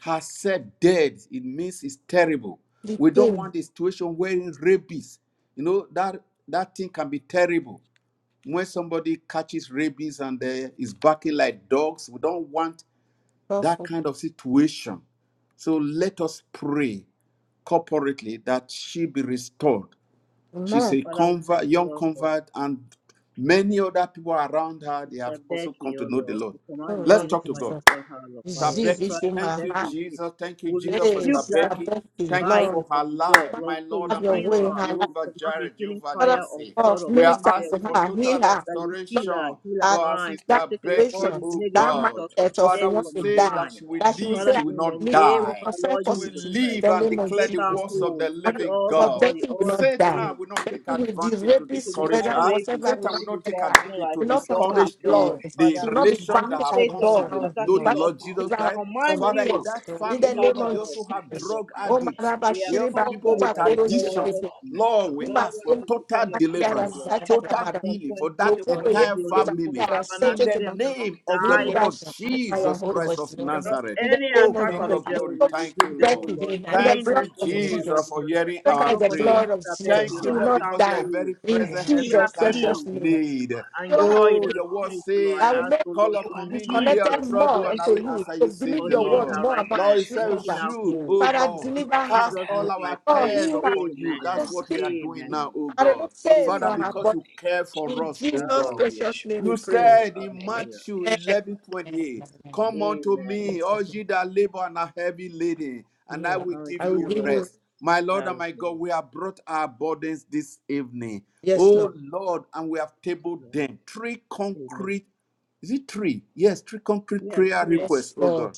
Speaker 1: herself dead, it means it's terrible. We don't
Speaker 2: sleeping,
Speaker 1: want a situation wherein rabies, you know, that that thing can be terrible when somebody catches rabies and uh, is barking like dogs, we don't want that
Speaker 2: powerful
Speaker 1: kind of situation. So let us pray corporately that she be restored. She's
Speaker 2: man.
Speaker 1: a
Speaker 3: Father, we thank
Speaker 1: convert,
Speaker 3: you,
Speaker 1: young
Speaker 3: Lord, for
Speaker 1: convert, and many other people around her, they
Speaker 3: Sister
Speaker 1: have also come
Speaker 3: Becky,
Speaker 1: to
Speaker 3: O
Speaker 1: know the
Speaker 3: Lord,
Speaker 1: Lord.
Speaker 3: we
Speaker 2: Oh,
Speaker 3: command the
Speaker 1: Let's
Speaker 2: Lord
Speaker 3: healing
Speaker 1: talk to
Speaker 3: fire
Speaker 1: God.
Speaker 2: Jesus,
Speaker 3: upon her, Lord. By your
Speaker 2: See this
Speaker 1: Stabeki.
Speaker 2: in
Speaker 3: stripes,
Speaker 1: Thank
Speaker 2: my
Speaker 3: that
Speaker 1: you,
Speaker 2: heart.
Speaker 3: is it.
Speaker 1: Jesus. Thank you,
Speaker 3: We
Speaker 1: Jesus, for
Speaker 2: Hey,
Speaker 3: rebuke
Speaker 2: Sister
Speaker 3: that
Speaker 1: Stabeki.
Speaker 2: Becky,
Speaker 1: Thank you
Speaker 3: bite
Speaker 2: Lord,
Speaker 1: for
Speaker 3: of
Speaker 1: her
Speaker 3: the dog.
Speaker 1: life,
Speaker 2: Father,
Speaker 3: Lord,
Speaker 1: my
Speaker 3: so
Speaker 1: Lord
Speaker 3: you
Speaker 2: have
Speaker 1: and
Speaker 2: your
Speaker 1: my
Speaker 3: heal
Speaker 2: way
Speaker 1: God.
Speaker 2: in
Speaker 3: her.
Speaker 2: her
Speaker 3: We
Speaker 2: life.
Speaker 1: Jehovah
Speaker 3: command the
Speaker 1: Jireh,
Speaker 3: healing
Speaker 1: Jehovah
Speaker 2: Father,
Speaker 3: fire of
Speaker 1: Nissi.
Speaker 3: God
Speaker 2: of
Speaker 1: We are
Speaker 3: upon
Speaker 2: minister to
Speaker 1: asking for
Speaker 3: Becky.
Speaker 2: her,
Speaker 1: total
Speaker 2: heal
Speaker 3: That you
Speaker 2: her.
Speaker 3: heal her,
Speaker 1: restoration
Speaker 3: heal her
Speaker 2: at
Speaker 1: for our
Speaker 3: mind,
Speaker 2: that
Speaker 3: Lord.
Speaker 1: sister
Speaker 3: Take away all
Speaker 1: Becky,
Speaker 2: situation,
Speaker 3: these
Speaker 1: oh
Speaker 2: that
Speaker 3: negative
Speaker 1: God.
Speaker 3: thoughts of
Speaker 2: mindset of who
Speaker 1: Father,
Speaker 3: death
Speaker 1: we
Speaker 2: wants
Speaker 3: from
Speaker 2: to
Speaker 3: her
Speaker 1: say
Speaker 2: die,
Speaker 1: that
Speaker 3: mind.
Speaker 1: she will
Speaker 2: that she will
Speaker 1: live,
Speaker 3: Father,
Speaker 2: say,
Speaker 1: she
Speaker 2: I
Speaker 1: will
Speaker 3: in the
Speaker 1: not
Speaker 2: live, she
Speaker 3: name
Speaker 2: will
Speaker 3: of
Speaker 1: die
Speaker 3: our
Speaker 2: confess
Speaker 3: Lord
Speaker 1: to
Speaker 3: Jesus
Speaker 2: positive in
Speaker 3: Christ,
Speaker 1: live
Speaker 2: the
Speaker 1: and
Speaker 2: name of
Speaker 1: declare
Speaker 3: make
Speaker 1: the
Speaker 3: her
Speaker 2: Jesus.
Speaker 1: words
Speaker 2: And
Speaker 1: of
Speaker 3: whole.
Speaker 1: the
Speaker 3: Heal
Speaker 1: living
Speaker 3: all the
Speaker 2: God,
Speaker 1: God.
Speaker 3: body,
Speaker 2: Betty will
Speaker 3: all
Speaker 2: not
Speaker 3: the
Speaker 2: die.
Speaker 1: Satan
Speaker 3: pain.
Speaker 1: will
Speaker 3: heal
Speaker 1: not take
Speaker 2: Betty will the
Speaker 1: advantage to
Speaker 3: so she
Speaker 2: rabies,
Speaker 3: won't
Speaker 1: discourage
Speaker 2: whether
Speaker 3: have
Speaker 1: her.
Speaker 3: rabies.
Speaker 2: whatever will
Speaker 1: Satan
Speaker 2: not
Speaker 1: will
Speaker 3: She'll be
Speaker 1: not
Speaker 2: get
Speaker 1: take
Speaker 2: her,
Speaker 3: barking
Speaker 1: advantage
Speaker 3: like
Speaker 1: to
Speaker 2: will
Speaker 3: a
Speaker 2: not come
Speaker 3: dog,
Speaker 2: to
Speaker 3: a
Speaker 2: her
Speaker 1: discourage the,
Speaker 3: dog,
Speaker 2: blood.
Speaker 1: the
Speaker 2: She
Speaker 3: Father.
Speaker 2: will not be
Speaker 1: relations
Speaker 3: And you,
Speaker 1: that
Speaker 2: battered
Speaker 1: have
Speaker 2: by
Speaker 1: come
Speaker 3: Satan,
Speaker 1: to
Speaker 3: if it's
Speaker 1: the,
Speaker 2: God.
Speaker 1: know
Speaker 3: attacking
Speaker 1: the
Speaker 2: But
Speaker 3: God's
Speaker 1: Lord
Speaker 3: people,
Speaker 4: Lord,
Speaker 1: Jesus
Speaker 3: we
Speaker 4: I
Speaker 2: deliver her
Speaker 4: can
Speaker 1: Christ.
Speaker 3: command
Speaker 2: from
Speaker 1: Father, in
Speaker 3: you
Speaker 2: death.
Speaker 1: that
Speaker 3: to
Speaker 2: In the
Speaker 1: family, oh
Speaker 3: depart
Speaker 2: name
Speaker 1: Lord,
Speaker 3: from
Speaker 1: they
Speaker 2: of
Speaker 3: us
Speaker 1: also
Speaker 3: in
Speaker 1: have
Speaker 2: Jesus.
Speaker 3: Jesus'
Speaker 1: drug
Speaker 3: name.
Speaker 2: Oh, my
Speaker 1: addicts.
Speaker 2: Rabba,
Speaker 3: We
Speaker 1: They
Speaker 3: are
Speaker 1: have
Speaker 2: Shiriba,
Speaker 3: covered
Speaker 1: people with
Speaker 2: Oba,
Speaker 3: by the
Speaker 2: Koro,
Speaker 3: blood
Speaker 1: addictions.
Speaker 3: of
Speaker 2: Shiriba,
Speaker 3: Jesus.
Speaker 1: Lord,
Speaker 3: The
Speaker 1: we
Speaker 2: Ima,
Speaker 3: blood
Speaker 1: ask
Speaker 3: of
Speaker 1: for
Speaker 2: Oma,
Speaker 3: Jesus upon
Speaker 1: total
Speaker 2: Oma,
Speaker 3: your people,
Speaker 2: Kiara,
Speaker 1: deliverance
Speaker 3: Lord.
Speaker 1: total
Speaker 2: Sata,
Speaker 3: From
Speaker 1: healing
Speaker 3: point
Speaker 1: for
Speaker 3: A
Speaker 2: no
Speaker 1: that
Speaker 3: to
Speaker 2: puedo
Speaker 3: point
Speaker 2: ir
Speaker 1: entire
Speaker 3: B, Lord. We cannot
Speaker 1: family
Speaker 2: para
Speaker 3: have an
Speaker 1: in
Speaker 2: sete que
Speaker 1: the
Speaker 2: más.
Speaker 3: accident. We cannot
Speaker 1: name of the
Speaker 3: die.
Speaker 2: Nuri
Speaker 1: Lord
Speaker 2: basa, Maya
Speaker 1: Jesus Christ
Speaker 2: Horowitz.
Speaker 1: of Nazareth.
Speaker 2: In the
Speaker 3: Any
Speaker 1: Oh,
Speaker 2: name
Speaker 3: attack
Speaker 1: King
Speaker 2: of
Speaker 3: of the
Speaker 2: Jesus,
Speaker 1: of
Speaker 2: I
Speaker 3: devil
Speaker 1: glory,
Speaker 3: will
Speaker 2: soak
Speaker 1: thank
Speaker 3: rebuke
Speaker 1: you,
Speaker 3: them, O
Speaker 1: Lord.
Speaker 2: Becky
Speaker 3: Lord.
Speaker 2: in the
Speaker 3: In
Speaker 1: Thank
Speaker 3: the
Speaker 1: you,
Speaker 2: blood
Speaker 3: name
Speaker 2: of
Speaker 3: of our Lord
Speaker 1: Jesus,
Speaker 2: Jesus.
Speaker 1: for
Speaker 3: Jesus Christ.
Speaker 1: hearing
Speaker 2: Soak
Speaker 3: Thank you,
Speaker 1: our
Speaker 2: her in
Speaker 3: Lord,
Speaker 2: the
Speaker 3: for healing
Speaker 2: blood
Speaker 1: prayer.
Speaker 2: of
Speaker 3: Sister
Speaker 2: Jesus.
Speaker 3: Becky,
Speaker 1: Thank
Speaker 2: She
Speaker 1: you,
Speaker 2: will
Speaker 3: Lord.
Speaker 1: Lord,
Speaker 3: Make
Speaker 2: not
Speaker 3: her
Speaker 1: because you are a
Speaker 2: die.
Speaker 3: whole.
Speaker 1: very
Speaker 2: In
Speaker 1: present
Speaker 4: ask
Speaker 1: help
Speaker 3: Give
Speaker 4: you,
Speaker 1: in
Speaker 3: her
Speaker 2: Jesus'
Speaker 1: time
Speaker 4: Father,
Speaker 1: of
Speaker 3: peace.
Speaker 2: precious name.
Speaker 1: need.
Speaker 3: and
Speaker 2: So
Speaker 3: joy in
Speaker 1: Oh,
Speaker 2: happy.
Speaker 3: her
Speaker 1: your word
Speaker 3: spirit, oh Lord. I
Speaker 2: I will
Speaker 1: say,
Speaker 3: ask,
Speaker 2: make
Speaker 3: oh
Speaker 1: call
Speaker 3: Lord,
Speaker 4: you are
Speaker 3: in
Speaker 1: upon
Speaker 4: the
Speaker 1: me
Speaker 2: is
Speaker 1: in the day
Speaker 4: great
Speaker 2: connected
Speaker 1: of
Speaker 3: Jesus' name.
Speaker 1: trouble,
Speaker 2: more
Speaker 1: and
Speaker 3: Thank
Speaker 1: I
Speaker 2: unto
Speaker 1: will
Speaker 3: you Lord,
Speaker 2: you.
Speaker 1: answer
Speaker 4: restorer.
Speaker 2: So
Speaker 1: you, says
Speaker 2: believe
Speaker 3: for
Speaker 1: the
Speaker 2: your
Speaker 3: healing
Speaker 2: word
Speaker 1: Lord.
Speaker 3: her
Speaker 2: more
Speaker 4: We
Speaker 3: right
Speaker 2: about
Speaker 3: now
Speaker 1: Lord,
Speaker 2: the
Speaker 1: you
Speaker 4: ask you,
Speaker 3: and
Speaker 1: said you
Speaker 3: making
Speaker 4: Father,
Speaker 3: her
Speaker 2: deliverance.
Speaker 1: should,
Speaker 3: whole.
Speaker 1: oh
Speaker 2: Father,
Speaker 4: to
Speaker 1: Lord.
Speaker 3: In
Speaker 2: deliver
Speaker 4: rain
Speaker 2: her.
Speaker 1: Cast
Speaker 3: Jesus'
Speaker 4: down
Speaker 1: all
Speaker 3: name I
Speaker 1: our
Speaker 4: your
Speaker 2: Oh,
Speaker 3: pray.
Speaker 1: cares
Speaker 4: blessing.
Speaker 2: heal her.
Speaker 1: upon you.
Speaker 2: So
Speaker 3: Amen.
Speaker 1: That's what
Speaker 2: speak.
Speaker 1: we are doing
Speaker 3: Amen.
Speaker 1: now, oh
Speaker 2: I
Speaker 1: God.
Speaker 2: remove say
Speaker 1: Father,
Speaker 2: from her
Speaker 3: Amen.
Speaker 1: because
Speaker 2: body.
Speaker 1: you
Speaker 4: Thank you,
Speaker 1: care for
Speaker 2: In
Speaker 1: us, oh
Speaker 2: Jesus'
Speaker 1: God.
Speaker 3: Hallelujah.
Speaker 2: precious
Speaker 4: Jesus.
Speaker 2: name we
Speaker 1: You
Speaker 2: pray.
Speaker 3: Oh,
Speaker 1: said in
Speaker 3: hallelujah.
Speaker 1: Matthew 11 28, Come unto
Speaker 3: Amen.
Speaker 1: me, all ye that labor and are heavy laden, and I
Speaker 2: Yeah.
Speaker 1: will
Speaker 3: Oh,
Speaker 1: give
Speaker 2: I will
Speaker 1: you
Speaker 3: you're
Speaker 2: give
Speaker 3: right.
Speaker 2: you,
Speaker 1: rest. My Lord and my God,
Speaker 3: Hallelujah.
Speaker 1: we have brought our burdens this evening.
Speaker 2: yes, Lord.
Speaker 1: Oh
Speaker 3: Oh,
Speaker 1: Lord, and we have tabled
Speaker 3: yeah.
Speaker 1: them. Three
Speaker 3: Amen.
Speaker 1: concrete, is it three? Yes, three concrete
Speaker 3: Yeah,
Speaker 1: prayer
Speaker 3: three.
Speaker 2: Yes,
Speaker 1: requests, oh God.
Speaker 2: Lord.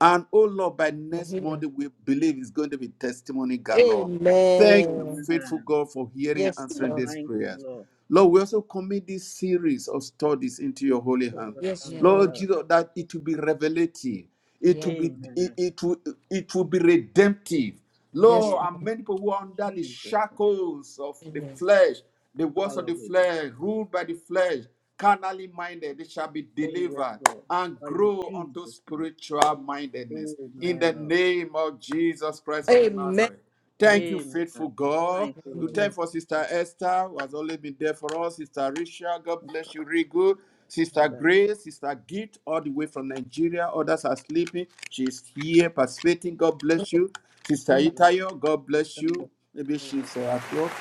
Speaker 1: And oh Lord, by
Speaker 2: for
Speaker 1: next
Speaker 2: healing.
Speaker 1: Monday, we believe it's going to be testimony galore. Thank you,
Speaker 2: Amen.
Speaker 1: faithful
Speaker 3: Amen.
Speaker 1: God, for hearing and
Speaker 2: Yes,
Speaker 1: answering
Speaker 2: Lord.
Speaker 1: these
Speaker 3: Thank you,
Speaker 1: prayers.
Speaker 3: Lord.
Speaker 1: Lord, we also commit this series of studies into your holy
Speaker 3: Oh,
Speaker 1: hand.
Speaker 2: Yes, Yeah.
Speaker 3: Sunday.
Speaker 2: Lord.
Speaker 1: Lord Jesus, that it will be revelative, it
Speaker 2: Yeah.
Speaker 1: will be it,
Speaker 3: Amen.
Speaker 1: it will it will be redemptive.
Speaker 2: Yes,
Speaker 1: Lord,
Speaker 3: Yes,
Speaker 2: Lord.
Speaker 1: and many people who are under the
Speaker 3: Jesus.
Speaker 1: shackles of the
Speaker 2: Yes.
Speaker 1: flesh, the works of the
Speaker 3: Hallelujah.
Speaker 1: flesh, ruled by the flesh, carnally minded, they shall be
Speaker 3: Oh, yes,
Speaker 1: delivered
Speaker 3: Lord.
Speaker 1: and
Speaker 3: Are in
Speaker 1: grow unto
Speaker 3: Jesus' name?
Speaker 1: spiritual mindedness. In
Speaker 3: Amen,
Speaker 1: the
Speaker 3: Lord.
Speaker 1: name of Jesus Christ of
Speaker 2: Amen.
Speaker 1: Nazareth. Thank you,
Speaker 3: Amen.
Speaker 1: faithful God.
Speaker 3: Thank you,
Speaker 1: We
Speaker 2: Thank
Speaker 1: thank
Speaker 2: you.
Speaker 1: for
Speaker 3: Lord.
Speaker 1: Sister Esther, who has always been there for us. Sister Risha, God bless you, Rigo. Sister
Speaker 3: And that
Speaker 1: Grace, Sister Git, all the way from Nigeria. Others are sleeping. She's here participating. God bless you. Sister
Speaker 2: Yes.
Speaker 3: blood
Speaker 1: Itayo, God bless
Speaker 3: come
Speaker 1: you. Maybe
Speaker 3: over
Speaker 1: she's uh, at
Speaker 3: Shonda.
Speaker 1: work.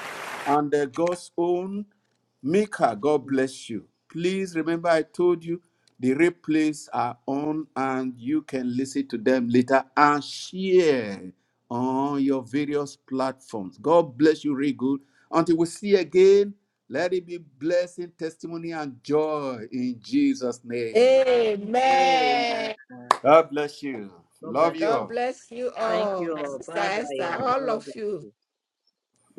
Speaker 1: And uh, God's own Mika, God bless you. Please remember, I told you the replays are on and you can listen to them later and share on your various platforms. God bless you, real good. Until we see again, let it be blessing, testimony, and joy in Jesus' name.
Speaker 2: Amen.
Speaker 3: Amen.
Speaker 1: God bless you.
Speaker 3: God
Speaker 1: Love
Speaker 3: bless
Speaker 1: you
Speaker 3: you.
Speaker 2: God
Speaker 3: all.
Speaker 1: all.
Speaker 2: bless you
Speaker 3: Thank you.
Speaker 2: all,
Speaker 3: all. Bye
Speaker 2: Sister
Speaker 3: bye.
Speaker 2: Esther, all
Speaker 3: God
Speaker 2: of
Speaker 3: bless
Speaker 2: you.
Speaker 3: you.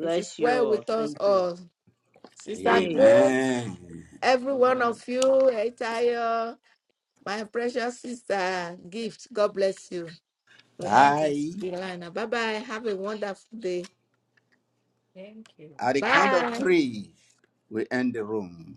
Speaker 2: It is
Speaker 3: you.
Speaker 2: well
Speaker 3: all.
Speaker 2: with us
Speaker 3: Thank you.
Speaker 2: all. Sister
Speaker 3: Amen.
Speaker 2: Grace,
Speaker 3: Bless
Speaker 1: Amen.
Speaker 2: every
Speaker 3: you.
Speaker 2: one
Speaker 3: Amen.
Speaker 2: of you, My precious sister, gift. God bless you. We end this
Speaker 1: Bye.
Speaker 2: line. Bye bye. Have a wonderful day. Thank you.
Speaker 1: At the count of
Speaker 2: Bye.
Speaker 1: three, we end the room.